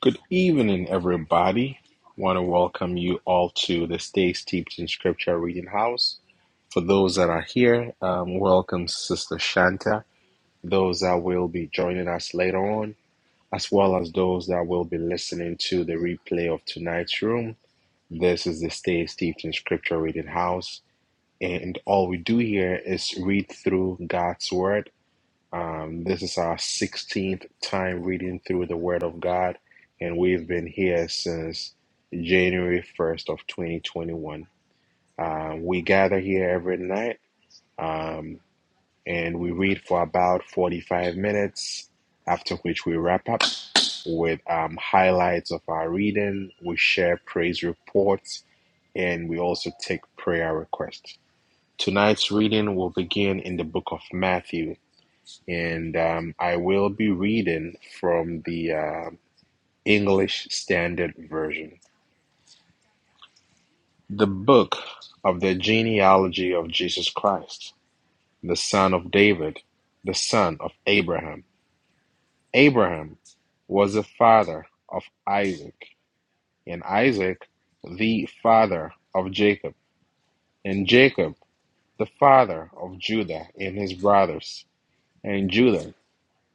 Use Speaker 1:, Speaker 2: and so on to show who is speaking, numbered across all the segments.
Speaker 1: Good evening, everybody. Want to welcome you all to the Stay Steeped in Scripture Reading House. For those that are here, um, welcome Sister Shanta. Those that will be joining us later on, as well as those that will be listening to the replay of tonight's room. This is the Stay Steeped in Scripture Reading House, and all we do here is read through God's Word um, this is our 16th time reading through the Word of God, and we've been here since January 1st of 2021. Um, we gather here every night um, and we read for about 45 minutes, after which we wrap up with um, highlights of our reading. We share praise reports and we also take prayer requests. Tonight's reading will begin in the book of Matthew, and um, I will be reading from the uh, English Standard Version. The book of the genealogy of Jesus Christ, the son of David, the son of Abraham. Abraham was the father of Isaac, and Isaac the father of Jacob, and Jacob the father of Judah and his brothers, and Judah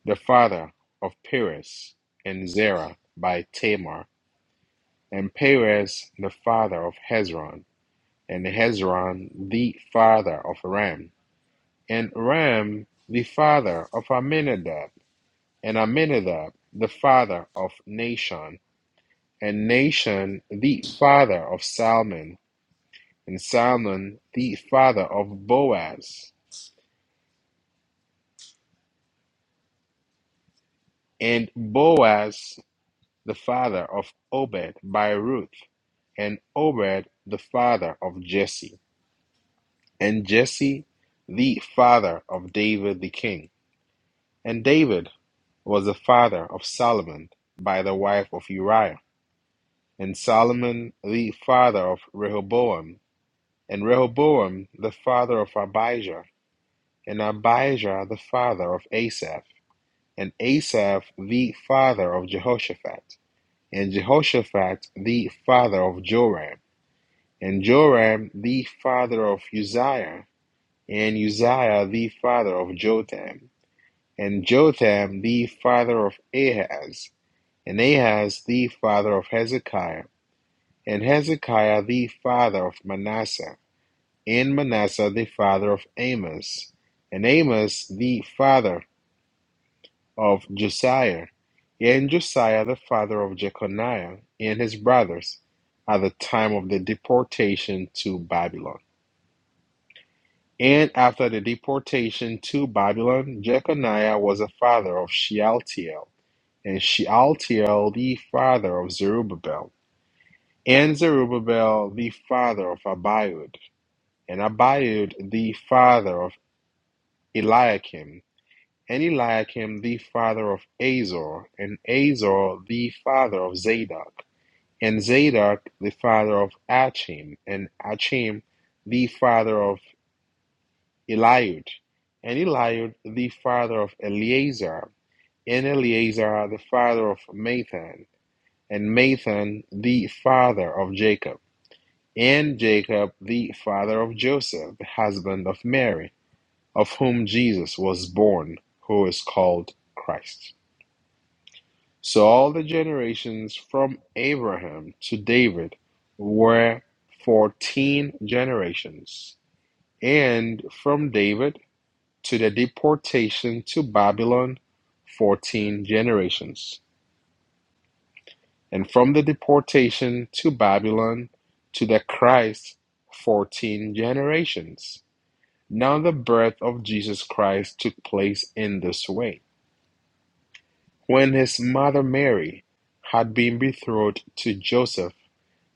Speaker 1: the father of Perez and Zerah by Tamar and Perez the father of Hezron, and Hezron the father of Ram, and Ram the father of Amminadab, and Amminadab the father of Nashon, and Nashon the father of Salmon, and Salmon the father of Boaz, and Boaz the father of Obed by Ruth, and Obed the father of Jesse and Jesse the father of David the king. And David was the father of Solomon by the wife of Uriah, and Solomon the father of Rehoboam, and Rehoboam the father of Abijah, and Abijah the father of Asaph, and Asaph the father of Jehoshaphat, and Jehoshaphat the father of Joram, and Joram the father of Uzziah, and Uzziah the father of Jotham and Jotham the father of Ahaz, and Ahaz the father of Hezekiah, and Hezekiah the father of Manasseh, and Manasseh the father of Amos, and Amos the father of Josiah, and Josiah the father of Jeconiah and his brothers at the time of the deportation to Babylon. And after the deportation to Babylon, Jeconiah was the father of Shealtiel and Shealtiel the father of Zerubbabel, and Zerubbabel the father of Abiud, and Abiud the father of Eliakim, and Eliakim the father of Azor, and Azor the father of Zadok, and Zadok the father of Achim, and Achim the father of Eliud, and Eliud the father of Eleazar, and Eleazar the father of Mathan and Mathan the father of Jacob, and Jacob the father of Joseph, the husband of Mary, of whom Jesus was born, who is called Christ. So all the generations from Abraham to David were fourteen generations, and from David to the deportation to Babylon, fourteen generations. and from the deportation to Babylon to the Christ, 14 generations. Now, the birth of Jesus Christ took place in this way. When his mother Mary had been betrothed to Joseph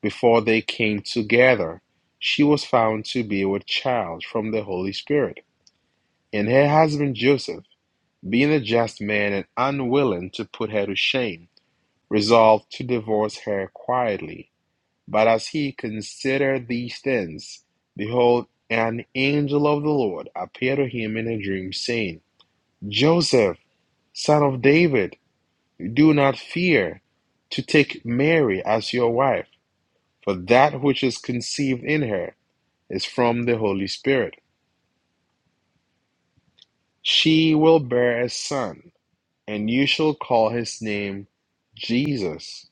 Speaker 1: before they came together, she was found to be with child from the Holy Spirit. And her husband Joseph, being a just man and unwilling to put her to shame, resolved to divorce her quietly But as he considered these things, behold, an angel of the Lord appeared to him in a dream, saying, Joseph, son of David, do not fear to take Mary as your wife, for that which is conceived in her is from the Holy Spirit. She will bear a son, and you shall call his name Jesus,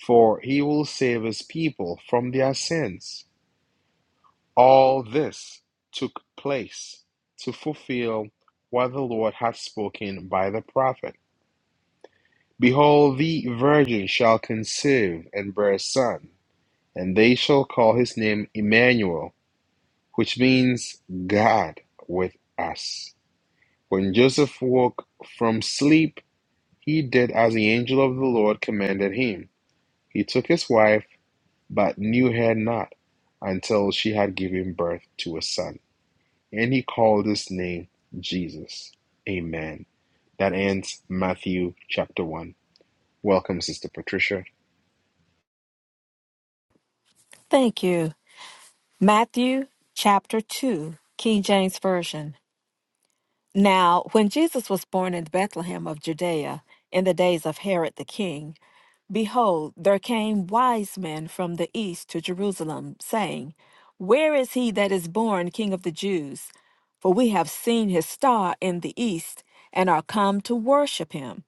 Speaker 1: for he will save his people from their sins. All this took place to fulfill what the Lord had spoken by the prophet. Behold, the virgin shall conceive and bear a son, and they shall call his name Emmanuel, which means God with us. When Joseph woke from sleep, he did as the angel of the Lord commanded him. He took his wife, but knew her not until she had given birth to a son And he called his name Jesus. Amen. That ends Matthew chapter 1. Welcome, Sister Patricia.
Speaker 2: Thank you. Matthew chapter 2, King James Version. Now, when Jesus was born in Bethlehem of Judea in the days of Herod the king, behold, there came wise men from the east to Jerusalem, saying, Where is he that is born king of the Jews? For we have seen his star in the east and are come to worship him.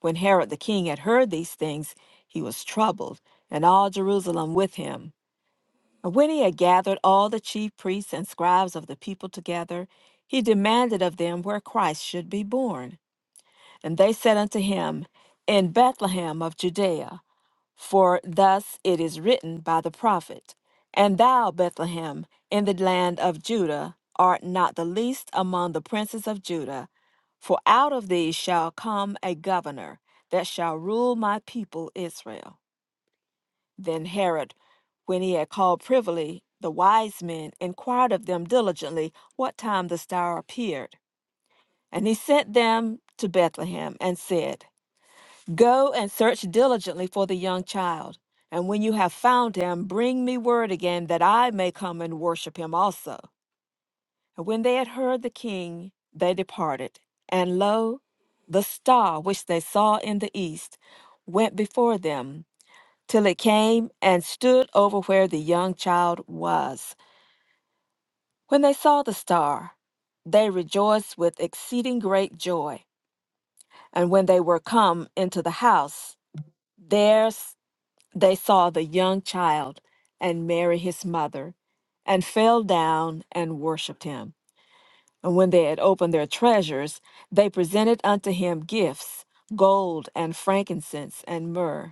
Speaker 2: When Herod the king had heard these things, he was troubled, and all Jerusalem with him. When he had gathered all the chief priests and scribes of the people together, he demanded of them where Christ should be born. And they said unto him, In Bethlehem of Judea, for thus it is written by the prophet, And thou, Bethlehem, in the land of Judah, art not the least among the princes of Judah, for out of thee shall come a governor that shall rule my people Israel. Then Herod, when he had called privily the wise men, inquired of them diligently what time the star appeared. And he sent them to Bethlehem and said, Go and search diligently for the young child, and when you have found him, bring me word again that I may come and worship him also. And when they had heard the king, they departed. And lo, the star which they saw in the east went before them till it came and stood over where the young child was. When they saw the star, they rejoiced with exceeding great joy. And when they were come into the house, there s- they saw the young child and Mary his mother, and fell down and worshipped him. And when they had opened their treasures, they presented unto him gifts gold and frankincense and myrrh.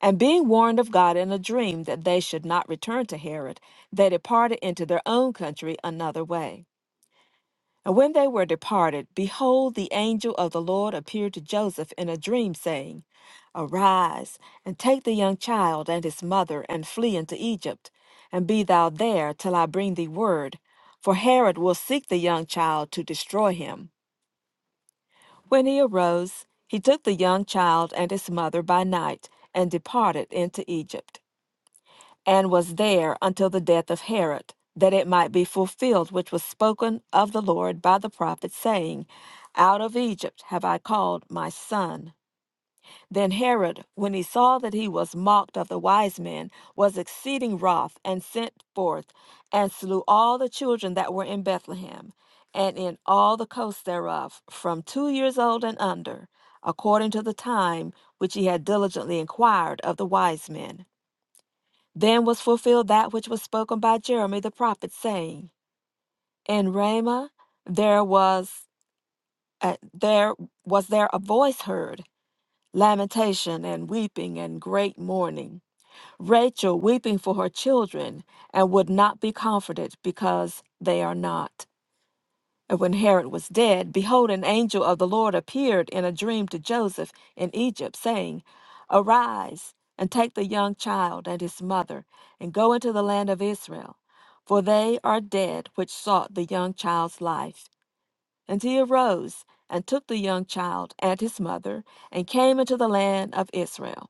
Speaker 2: And being warned of God in a dream that they should not return to Herod, they departed into their own country another way. And when they were departed, behold, the angel of the Lord appeared to Joseph in a dream, saying, Arise, and take the young child and his mother, and flee into Egypt, and be thou there till I bring thee word, for Herod will seek the young child to destroy him. When he arose, he took the young child and his mother by night, and departed into Egypt and was there until the death of Herod, that it might be fulfilled which was spoken of the Lord by the prophet, saying, Out of Egypt have I called my son. Then Herod, when he saw that he was mocked of the wise men, was exceeding wroth, and sent forth, and slew all the children that were in Bethlehem, and in all the coasts thereof, from two years old and under, according to the time which he had diligently inquired of the wise men. Then was fulfilled that which was spoken by Jeremiah the prophet, saying, In Ramah there was uh, there was there a voice heard, lamentation and weeping and great mourning. Rachel weeping for her children, and would not be comforted because they are not. And when Herod was dead, behold, an angel of the Lord appeared in a dream to Joseph in Egypt, saying, Arise and take the young child and his mother, and go into the land of Israel, for they are dead which sought the young child's life. And he arose and took the young child and his mother, and came into the land of Israel.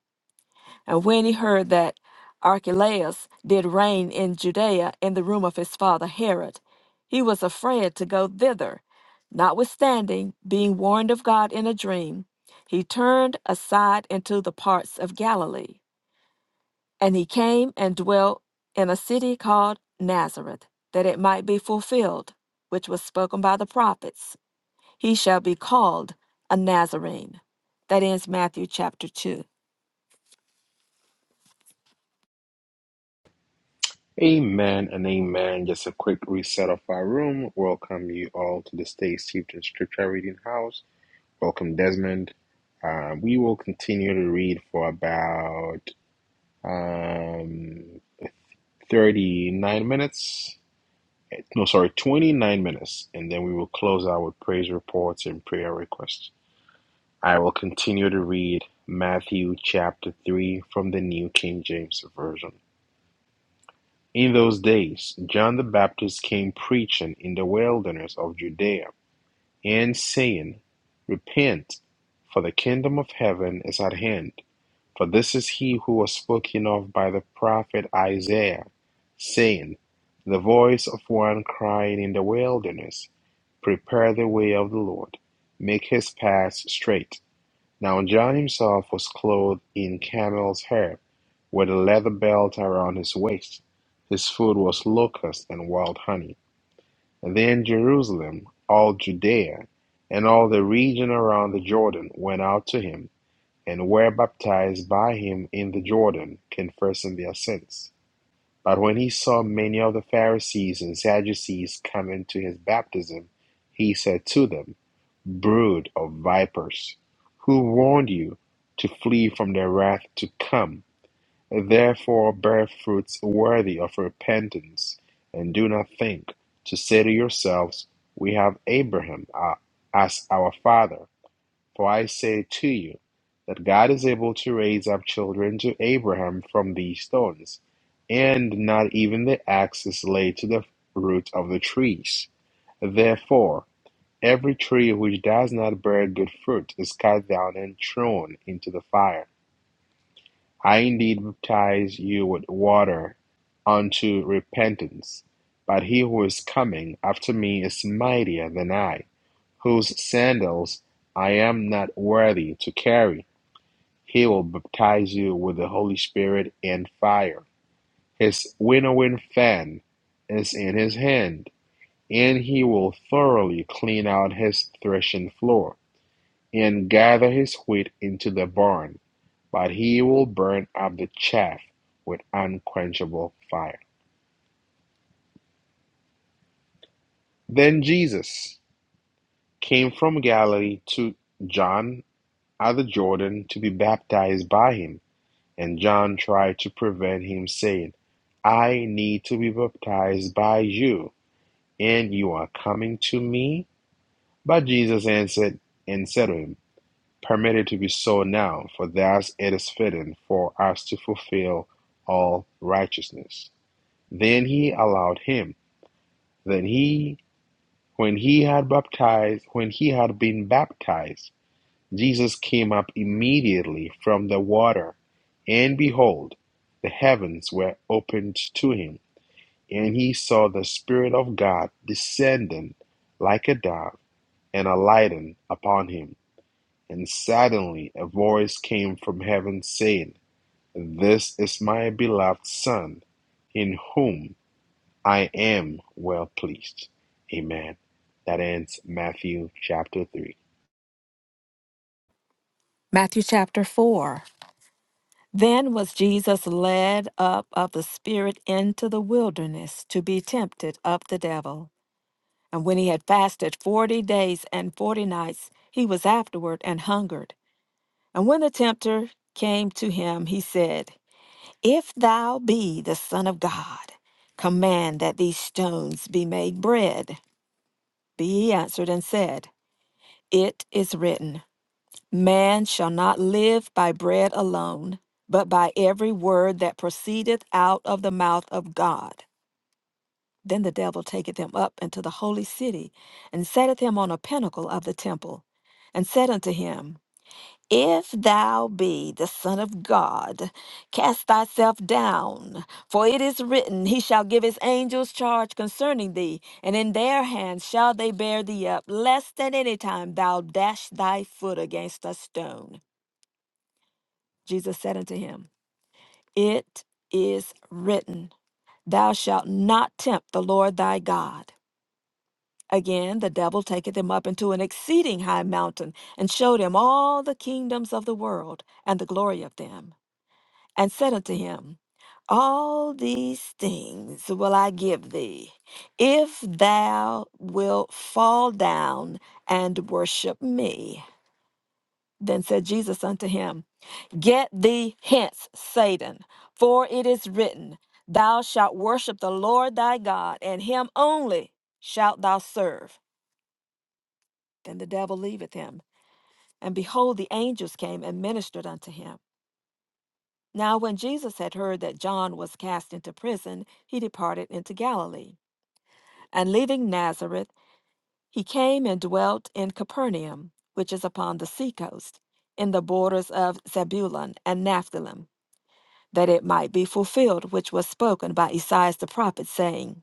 Speaker 2: And when he heard that Archelaus did reign in Judea in the room of his father Herod, he was afraid to go thither. Notwithstanding, being warned of God in a dream, he turned aside into the parts of Galilee. And he came and dwelt in a city called Nazareth, that it might be fulfilled, which was spoken by the prophets He shall be called a Nazarene. That ends Matthew chapter 2.
Speaker 1: Amen and amen. Just a quick reset of our room. Welcome you all to the Stay Steeped in Scripture Reading House. Welcome, Desmond. Uh, we will continue to read for about um, 39 minutes. No, sorry, 29 minutes. And then we will close out with praise reports and prayer requests. I will continue to read Matthew chapter 3 from the New King James Version. In those days, John the Baptist came preaching in the wilderness of Judea and saying, Repent, for the kingdom of heaven is at hand. For this is he who was spoken of by the prophet Isaiah, saying, The voice of one crying in the wilderness, Prepare the way of the Lord, make his paths straight. Now John himself was clothed in camel's hair, with a leather belt around his waist. His food was locusts and wild honey. And then Jerusalem, all Judea, and all the region around the Jordan went out to him, and were baptized by him in the Jordan, confessing their sins. But when he saw many of the Pharisees and Sadducees coming to his baptism, he said to them, brood of vipers, who warned you to flee from the wrath to come. Therefore bear fruits worthy of repentance, and do not think to say to yourselves, We have Abraham uh, as our father. For I say to you that God is able to raise up children to Abraham from these stones, and not even the axe is laid to the root of the trees. Therefore. Every tree which does not bear good fruit is cut down and thrown into the fire. I indeed baptize you with water unto repentance, but he who is coming after me is mightier than I, whose sandals I am not worthy to carry. He will baptize you with the Holy Spirit and fire. His winnowing fan is in his hand, and he will thoroughly clean out his threshing floor and gather his wheat into the barn, but he will burn up the chaff with unquenchable fire. Then Jesus came from Galilee to John at the Jordan to be baptized by him, and John tried to prevent him, saying, I need to be baptized by you, and you are coming to me? But Jesus answered and said to him, Permit it to be so now, for thus it is fitting for us to fulfill all righteousness. Then he allowed him. Then he, when he had baptized, when he had been baptized, Jesus came up immediately from the water, and behold, the heavens were opened to him, and he saw the Spirit of God descending like a dove and alighting upon him. And suddenly a voice came from heaven saying, This is my beloved Son, in whom I am well pleased. Amen. That ends Matthew chapter 3.
Speaker 2: Matthew chapter 4. Then was Jesus led up of the Spirit into the wilderness to be tempted of the devil. And when he had fasted forty days and forty nights, he was afterward and hungered. And when the tempter came to him, he said, If thou be the Son of God, command that these stones be made bread. But he answered and said, It is written. Man shall not live by bread alone, but by every word that proceedeth out of the mouth of God. Then the devil taketh him up into the holy city, and setteth him on a pinnacle of the temple, and said unto him, If thou be the Son of God, cast thyself down, for it is written, He shall give his angels charge concerning thee, and in their hands shall they bear thee up, lest at any time thou dash thy foot against a stone. Jesus said unto him, It is written, Thou shalt not tempt the Lord thy God. Again, the devil taketh him up into an exceeding high mountain, and showed him all the kingdoms of the world, and the glory of them, and said unto him, All these things will I give thee, if thou wilt fall down and worship me. Then said Jesus unto him, Get thee hence, Satan, for it is written, Thou shalt worship the Lord thy God, and him only shalt thou serve. Then the devil leaveth him, and behold, the angels came and ministered unto him. Now, when Jesus had heard that John was cast into prison, he departed into Galilee. And leaving Nazareth, he came and dwelt in Capernaum, which is upon the sea coast, in the borders of Zebulun and Naphtali that it might be fulfilled which was spoken by Esaias the prophet, saying,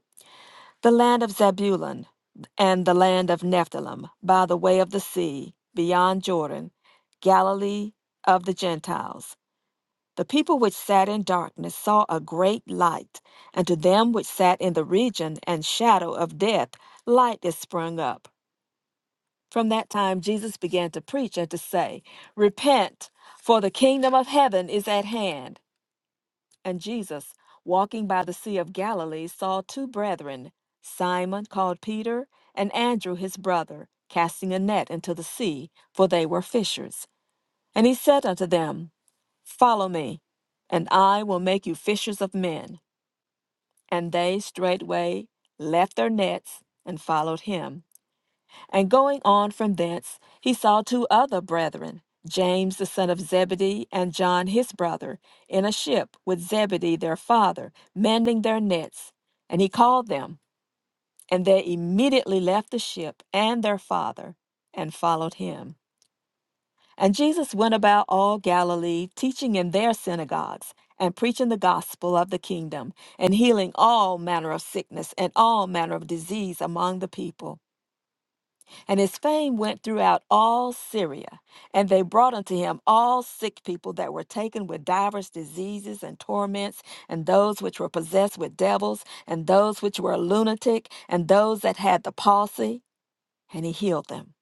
Speaker 2: The land of Zebulun and the land of Nephthalim, by the way of the sea, beyond Jordan, Galilee of the Gentiles. The people which sat in darkness saw a great light, and to them which sat in the region and shadow of death, light is sprung up. From that time Jesus began to preach and to say, Repent, for the kingdom of heaven is at hand. And Jesus, walking by the Sea of Galilee, saw two brethren, Simon called Peter, and Andrew his brother, casting a net into the sea, for they were fishers. And he said unto them, Follow me, and I will make you fishers of men. And they straightway left their nets and followed him. And going on from thence, he saw two other brethren, James the son of Zebedee, and John his brother, in a ship with Zebedee their father, mending their nets. And he called them, and they immediately left the ship and their father, and followed him. And Jesus went about all Galilee, teaching in their synagogues, and preaching the gospel of the kingdom, and healing all manner of sickness and all manner of disease among the people. And his fame went throughout all Syria. And they brought unto him all sick people that were taken with divers diseases and torments, and those which were possessed with devils, and those which were lunatic, and those that had the palsy, and he healed them.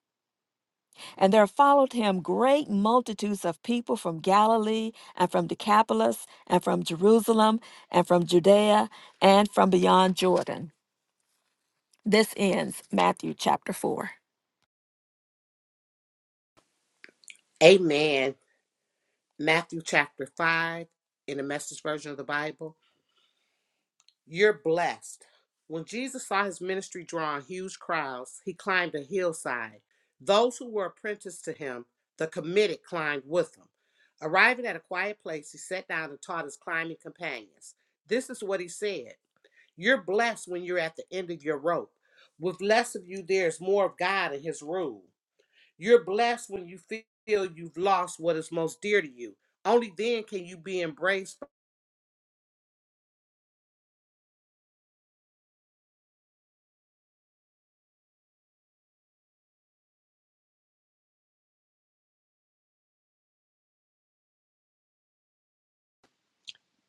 Speaker 2: And there followed him great multitudes of people from Galilee, and from Decapolis, and from Jerusalem, and from Judea, and from beyond Jordan. This ends Matthew chapter 4.
Speaker 3: Amen. Matthew chapter 5 in the message version of the Bible. You're blessed. When Jesus saw his ministry drawing huge crowds, he climbed a hillside. Those who were apprenticed to him, the committed, climbed with him. Arriving at a quiet place, he sat down and taught his climbing companions. This is what he said You're blessed when you're at the end of your rope. With less of you, there's more of God and his rule. You're blessed when you feel you've lost what is most dear to you. Only then can you be embraced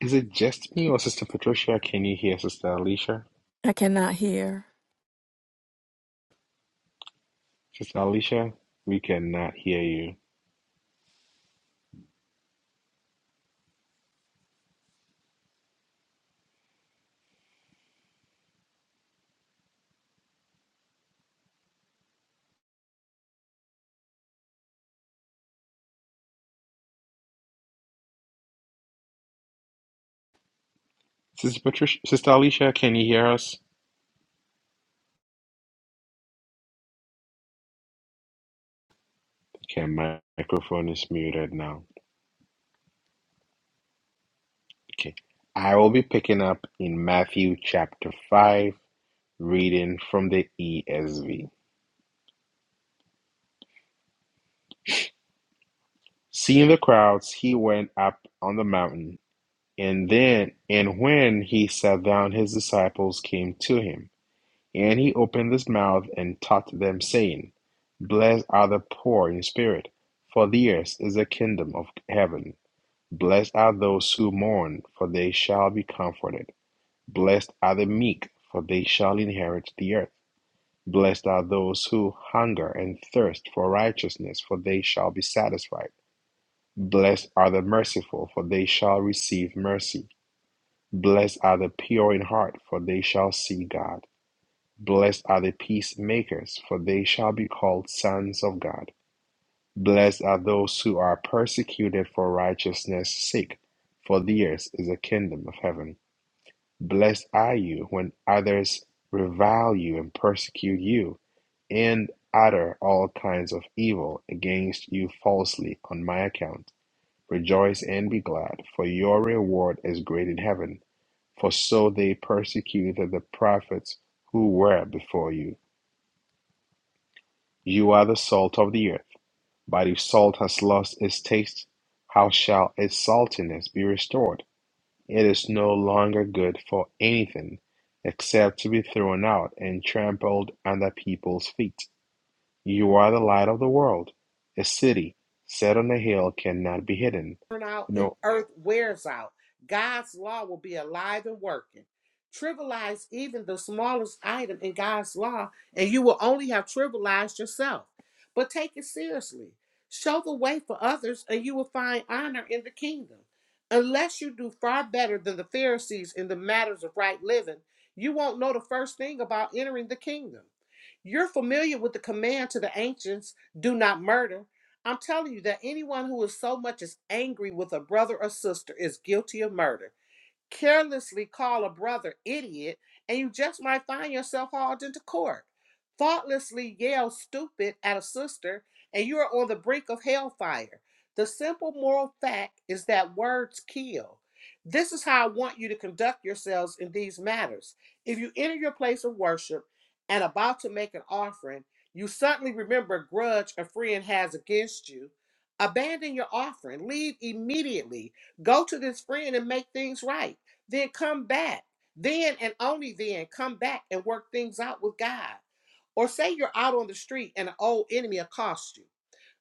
Speaker 1: Is it just me or Sister Patricia? Can you hear Sister Alicia?
Speaker 2: I cannot hear.
Speaker 1: Sister Alicia, we cannot hear you. Sister Patricia, Sister Alicia, can you hear us? Okay, my microphone is muted now. Okay. I will be picking up in Matthew chapter 5 Reading from the ESV. Seeing the crowds, he went up on the mountain, and then and when he sat down, his disciples came to him, and he opened his mouth and taught them, saying, Blessed are the poor in spirit, for theirs is the kingdom of heaven. Blessed are those who mourn, for they shall be comforted. Blessed are the meek, for they shall inherit the earth. Blessed are those who hunger and thirst for righteousness, for they shall be satisfied. Blessed are the merciful, for they shall receive mercy. Blessed are the pure in heart, for they shall see God. Blessed are the peacemakers, for they shall be called sons of God. Blessed are those who are persecuted for righteousness' sake, for theirs is the kingdom of heaven. Blessed are you when others revile you and persecute you, and utter all kinds of evil against you falsely on my account. Rejoice and be glad, for your reward is great in heaven. For so they persecuted the prophets who were before you. You are the salt of the earth, but if salt has lost its taste, how shall its saltiness be restored? It is no longer good for anything except to be thrown out and trampled under people's feet. You are the light of the world. A city set on a hill cannot be hidden.
Speaker 3: burn out and
Speaker 1: No.
Speaker 3: earth wears out. God's law will be alive and working. Trivialize even the smallest item in God's law, and you will only have trivialized yourself. But take it seriously. Show the way for others, and you will find honor in the kingdom. Unless you do far better than the Pharisees in the matters of right living, you won't know the first thing about entering the kingdom. You're familiar with the command to the ancients do not murder I'm telling you that anyone who is so much as angry with a brother or sister is guilty of murder carelessly call a brother idiot, and you just might find yourself hauled into court. Thoughtlessly yell stupid at a sister, and you are on the brink of hellfire. The simple moral fact is that words kill. This is how I want you to conduct yourselves in these matters. If you enter your place of worship and about to make an offering, you suddenly remember a grudge a friend has against you. Abandon your offering, leave immediately, go to this friend and make things right. Then come back. Then and only then come back and work things out with God. Or say you're out on the street and an old enemy accosts you.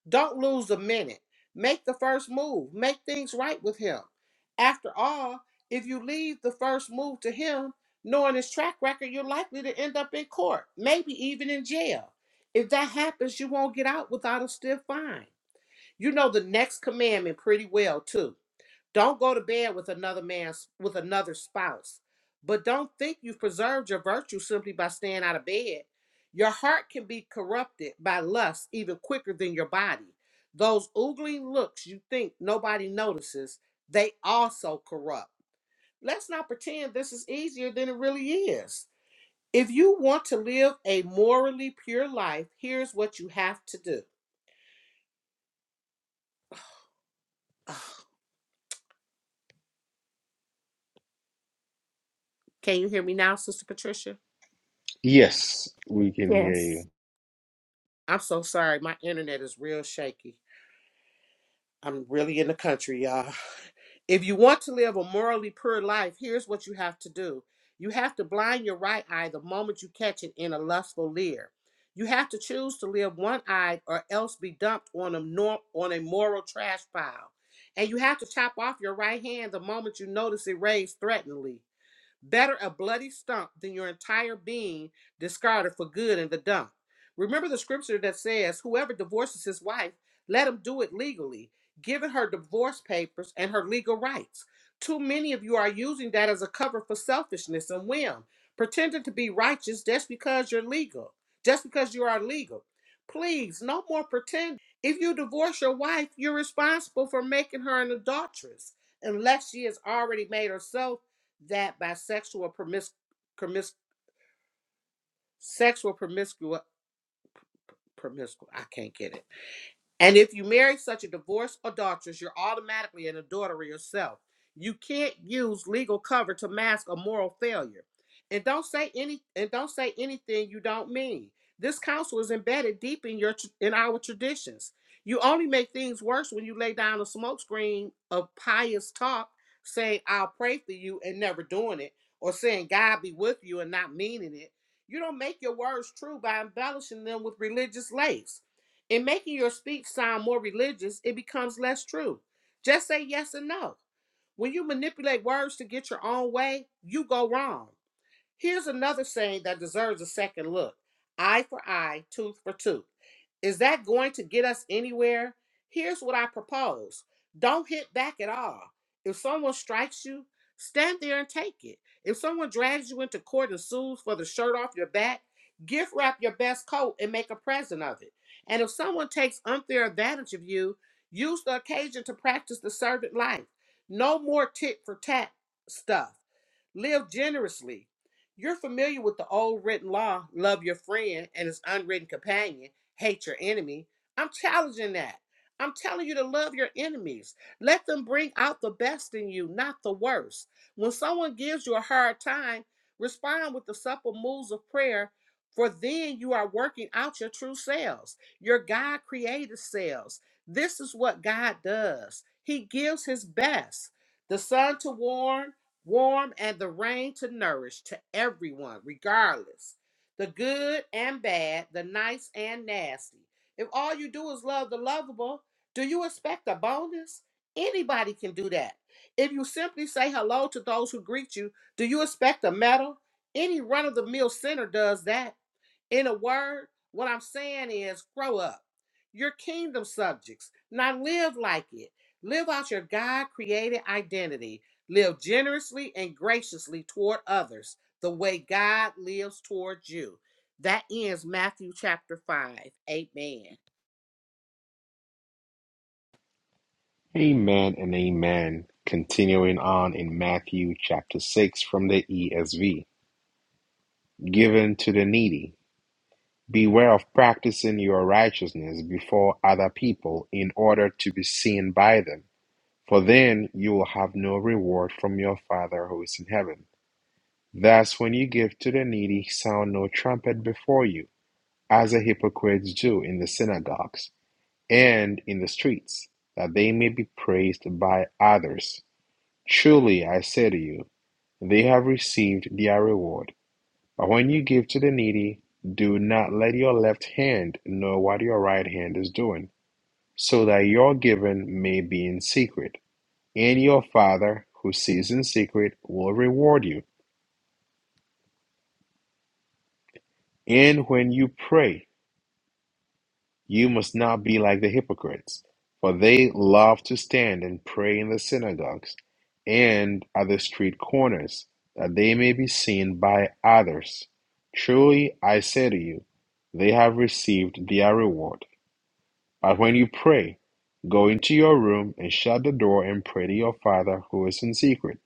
Speaker 3: Don't lose a minute. Make the first move. Make things right with him. After all, if you leave the first move to him, knowing his track record, you're likely to end up in court, maybe even in jail. If that happens, you won't get out without a stiff fine. You know the next commandment pretty well, too. Don't go to bed with another man's with another spouse. But don't think you've preserved your virtue simply by staying out of bed. Your heart can be corrupted by lust even quicker than your body. Those ogling looks you think nobody notices, they also corrupt. Let's not pretend this is easier than it really is. If you want to live a morally pure life, here's what you have to do. Ugh. Can you hear me now, Sister Patricia?
Speaker 1: Yes, we can hear
Speaker 2: Yes.
Speaker 1: you.
Speaker 3: I'm so sorry. My internet is real shaky. I'm really in the country, y'all. If you want to live a morally pure life, here's what you have to do. You have to blind your right eye the moment you catch it in a lustful leer. You have to choose to live one-eyed or else be dumped on a nor- on a moral trash pile. And you have to chop off your right hand the moment you notice it raised threateningly. Better a bloody stump than your entire being discarded for good in the dump. Remember the scripture that says, Whoever divorces his wife, let him do it legally, giving her divorce papers and her legal rights. Too many of you are using that as a cover for selfishness and whim, pretending to be righteous just because you're legal, just because you are legal. Please, no more pretend. If you divorce your wife, you're responsible for making her an adulteress unless she has already made herself that bisexual promis, sexual promiscuous promiscuous I can't get it And if you marry such a divorced adulteress, you're automatically an adulterer yourself. You can't use legal cover to mask a moral failure. And don't say any and don't say anything you don't mean. This counsel is embedded deep in your tr- in our traditions. You only make things worse when you lay down a smokescreen of pious talk, saying "I'll pray for you" and never doing it, or saying "God be with you" and not meaning it. You don't make your words true by embellishing them with religious lace. In making your speech sound more religious, it becomes less true. Just say yes and no. When you manipulate words to get your own way, you go wrong. Here's another saying that deserves a second look eye for eye, tooth for tooth. Is that going to get us anywhere? Here's what I propose don't hit back at all. If someone strikes you, stand there and take it. If someone drags you into court and sues for the shirt off your back, gift wrap your best coat and make a present of it. And if someone takes unfair advantage of you, use the occasion to practice the servant life. No more tit for tat stuff. Live generously. You're familiar with the old written law love your friend and his unwritten companion, hate your enemy. I'm challenging that. I'm telling you to love your enemies. Let them bring out the best in you, not the worst. When someone gives you a hard time, respond with the supple moves of prayer, for then you are working out your true selves, your God created selves. This is what God does. He gives his best. The sun to warm warm and the rain to nourish to everyone, regardless the good and bad, the nice and nasty. If all you do is love the lovable, do you expect a bonus? Anybody can do that. If you simply say hello to those who greet you, do you expect a medal? Any run of the mill center does that. In a word, what I'm saying is grow up. You're kingdom subjects. Now live like it. Live out your God created identity. Live generously and graciously toward others the way God lives towards you. That ends Matthew chapter 5. Amen.
Speaker 1: Amen and amen. Continuing on in Matthew chapter 6 from the ESV. Given to the needy. Beware of practicing your righteousness before other people in order to be seen by them For then you will have no reward from your Father who is in heaven. Thus, when you give to the needy, sound no trumpet before you, as the hypocrites do in the synagogues and in the streets, that they may be praised by others. Truly, I say to you, they have received their reward. But when you give to the needy, do not let your left hand know what your right hand is doing, so that your giving may be in secret And your Father, who sees in secret, will reward you. And when you pray, you must not be like the hypocrites, for they love to stand and pray in the synagogues and at the street corners, that they may be seen by others. Truly, I say to you, they have received their reward. But when you pray, go into your room and shut the door and pray to your Father who is in secret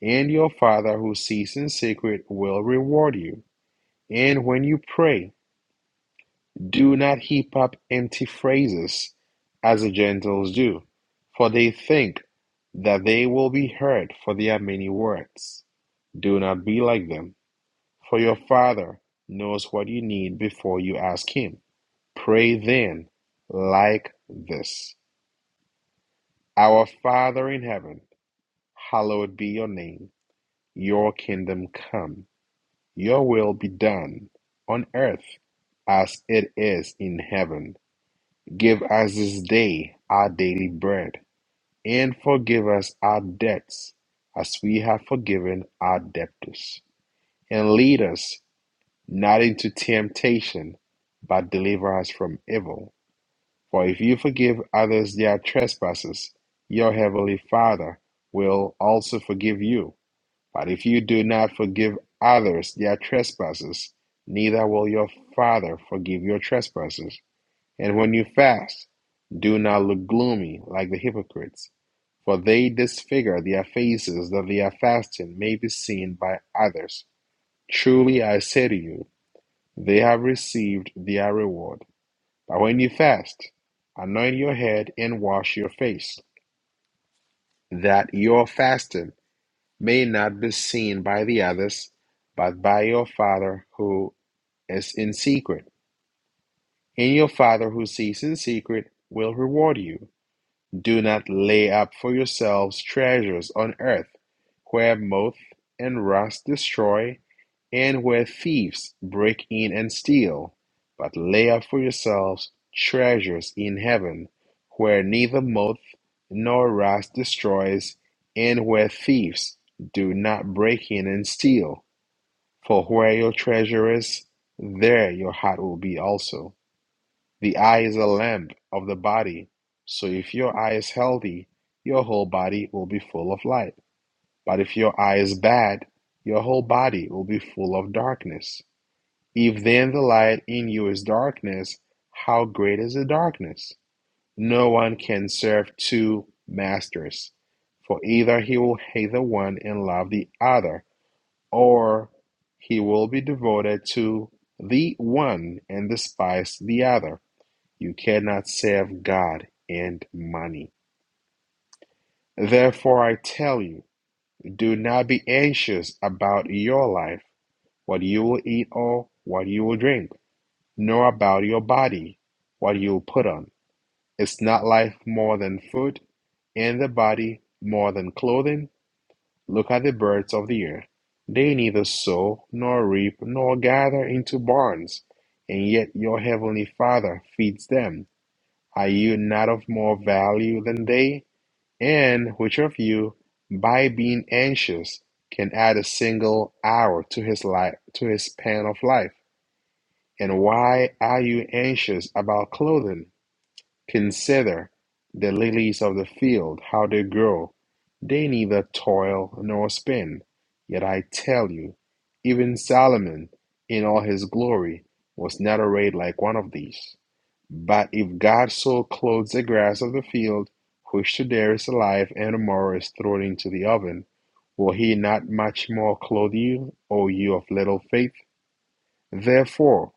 Speaker 1: And your Father who sees in secret will reward you. And when you pray, do not heap up empty phrases as the Gentiles do, for they think that they will be heard for their many words. Do not be like them, for your Father knows what you need before you ask Him. Pray then like this Our Father in heaven, hallowed be your name, your kingdom come. Your will be done on earth as it is in heaven. Give us this day our daily bread, and forgive us our debts as we have forgiven our debtors. And lead us not into temptation, but deliver us from evil. For if you forgive others their trespasses, your heavenly Father will also forgive you. But if you do not forgive others their trespasses, neither will your Father forgive your trespasses. And when you fast, do not look gloomy like the hypocrites, for they disfigure their faces that their fasting may be seen by others. Truly I say to you, they have received their reward. But when you fast, anoint your head and wash your face, that your fasting may not be seen by the others, but by your Father who is in secret. And your Father who sees in secret will reward you. Do not lay up for yourselves treasures on earth, where moth and rust destroy, and where thieves break in and steal. But lay up for yourselves treasures in heaven, where neither moth nor rust destroys, and where thieves do not break in and steal. For where your treasure is, there your heart will be also. The eye is a lamp of the body. So if your eye is healthy, your whole body will be full of light. But if your eye is bad, your whole body will be full of darkness. If then the light in you is darkness, how great is the darkness? No one can serve two masters, for either he will hate the one and love the other, or he will be devoted to the one and despise the other. You cannot serve God and money. Therefore, I tell you, do not be anxious about your life, what you will eat or what you will drink, nor about your body, what you will put on. Is not life more than food, and the body more than clothing? Look at the birds of the air. They neither sow nor reap nor gather into barns, and yet your heavenly Father feeds them. Are you not of more value than they? And which of you, by being anxious, can add a single hour to his life to his span of life? And why are you anxious about clothing? Consider the lilies of the field, how they grow. They neither toil nor spin. Yet I tell you, even Solomon in all his glory was not arrayed like one of these. But if God so clothes the grass of the field, which today is alive and tomorrow is thrown into the oven, will he not much more clothe you, O you of little faith? Therefore,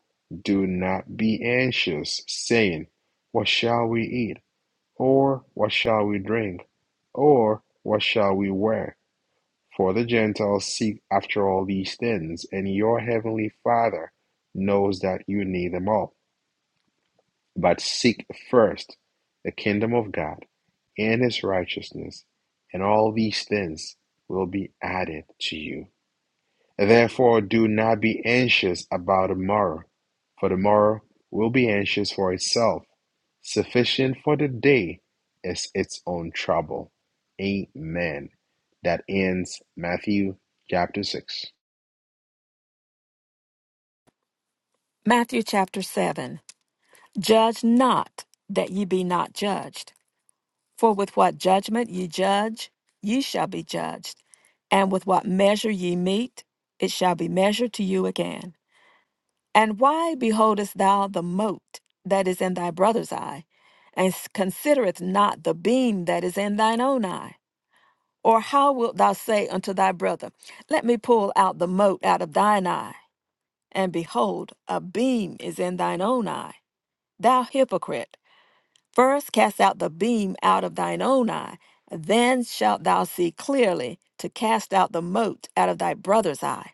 Speaker 1: do not be anxious, saying, What shall we eat? Or what shall we drink? Or what shall we wear? For the Gentiles seek after all these things, and your heavenly Father knows that you need them all. But seek first the kingdom of God and his righteousness, and all these things will be added to you. Therefore, do not be anxious about tomorrow, for tomorrow will be anxious for itself. Sufficient for the day is its own trouble. Amen. That ends Matthew chapter 6.
Speaker 2: Matthew chapter 7 Judge not that ye be not judged. For with what judgment ye judge, ye shall be judged. And with what measure ye meet, it shall be measured to you again. And why beholdest thou the mote that is in thy brother's eye, and s- considerest not the beam that is in thine own eye? Or how wilt thou say unto thy brother, Let me pull out the mote out of thine eye, and behold, a beam is in thine own eye? Thou hypocrite, first cast out the beam out of thine own eye, then shalt thou see clearly to cast out the mote out of thy brother's eye.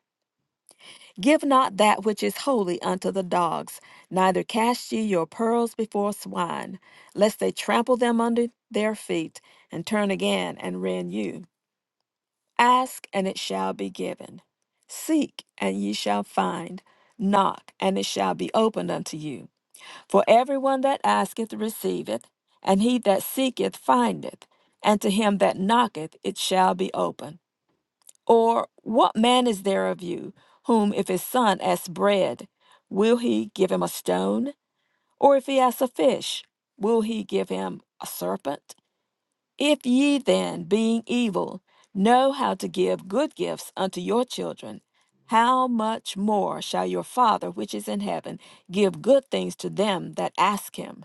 Speaker 2: Give not that which is holy unto the dogs, neither cast ye your pearls before swine, lest they trample them under their feet, and turn again and rend you. Ask, and it shall be given. Seek, and ye shall find. Knock, and it shall be opened unto you. For everyone that asketh receiveth, and he that seeketh findeth, and to him that knocketh it shall be open. Or what man is there of you, whom if his son asks bread, will he give him a stone? Or if he asks a fish, will he give him a serpent? If ye then, being evil, know how to give good gifts unto your children, how much more shall your Father which is in heaven give good things to them that ask him?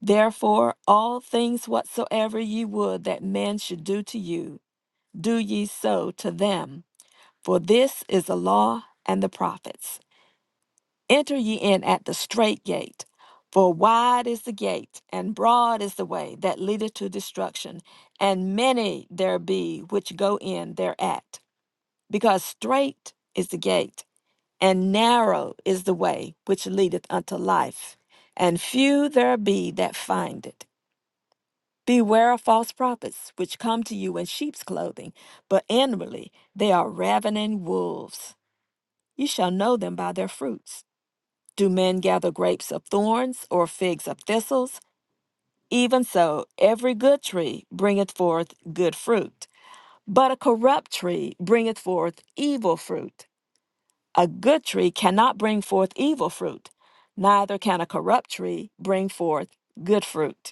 Speaker 2: Therefore, all things whatsoever ye would that men should do to you, do ye so to them. For this is the law and the prophets. Enter ye in at the strait gate. For wide is the gate, and broad is the way that leadeth to destruction, and many there be which go in thereat. Because strait is the gate, and narrow is the way which leadeth unto life, and few there be that find it. Beware of false prophets, which come to you in sheep's clothing, but inwardly they are ravening wolves. You shall know them by their fruits. Do men gather grapes of thorns or figs of thistles? Even so, every good tree bringeth forth good fruit, but a corrupt tree bringeth forth evil fruit. A good tree cannot bring forth evil fruit, neither can a corrupt tree bring forth good fruit.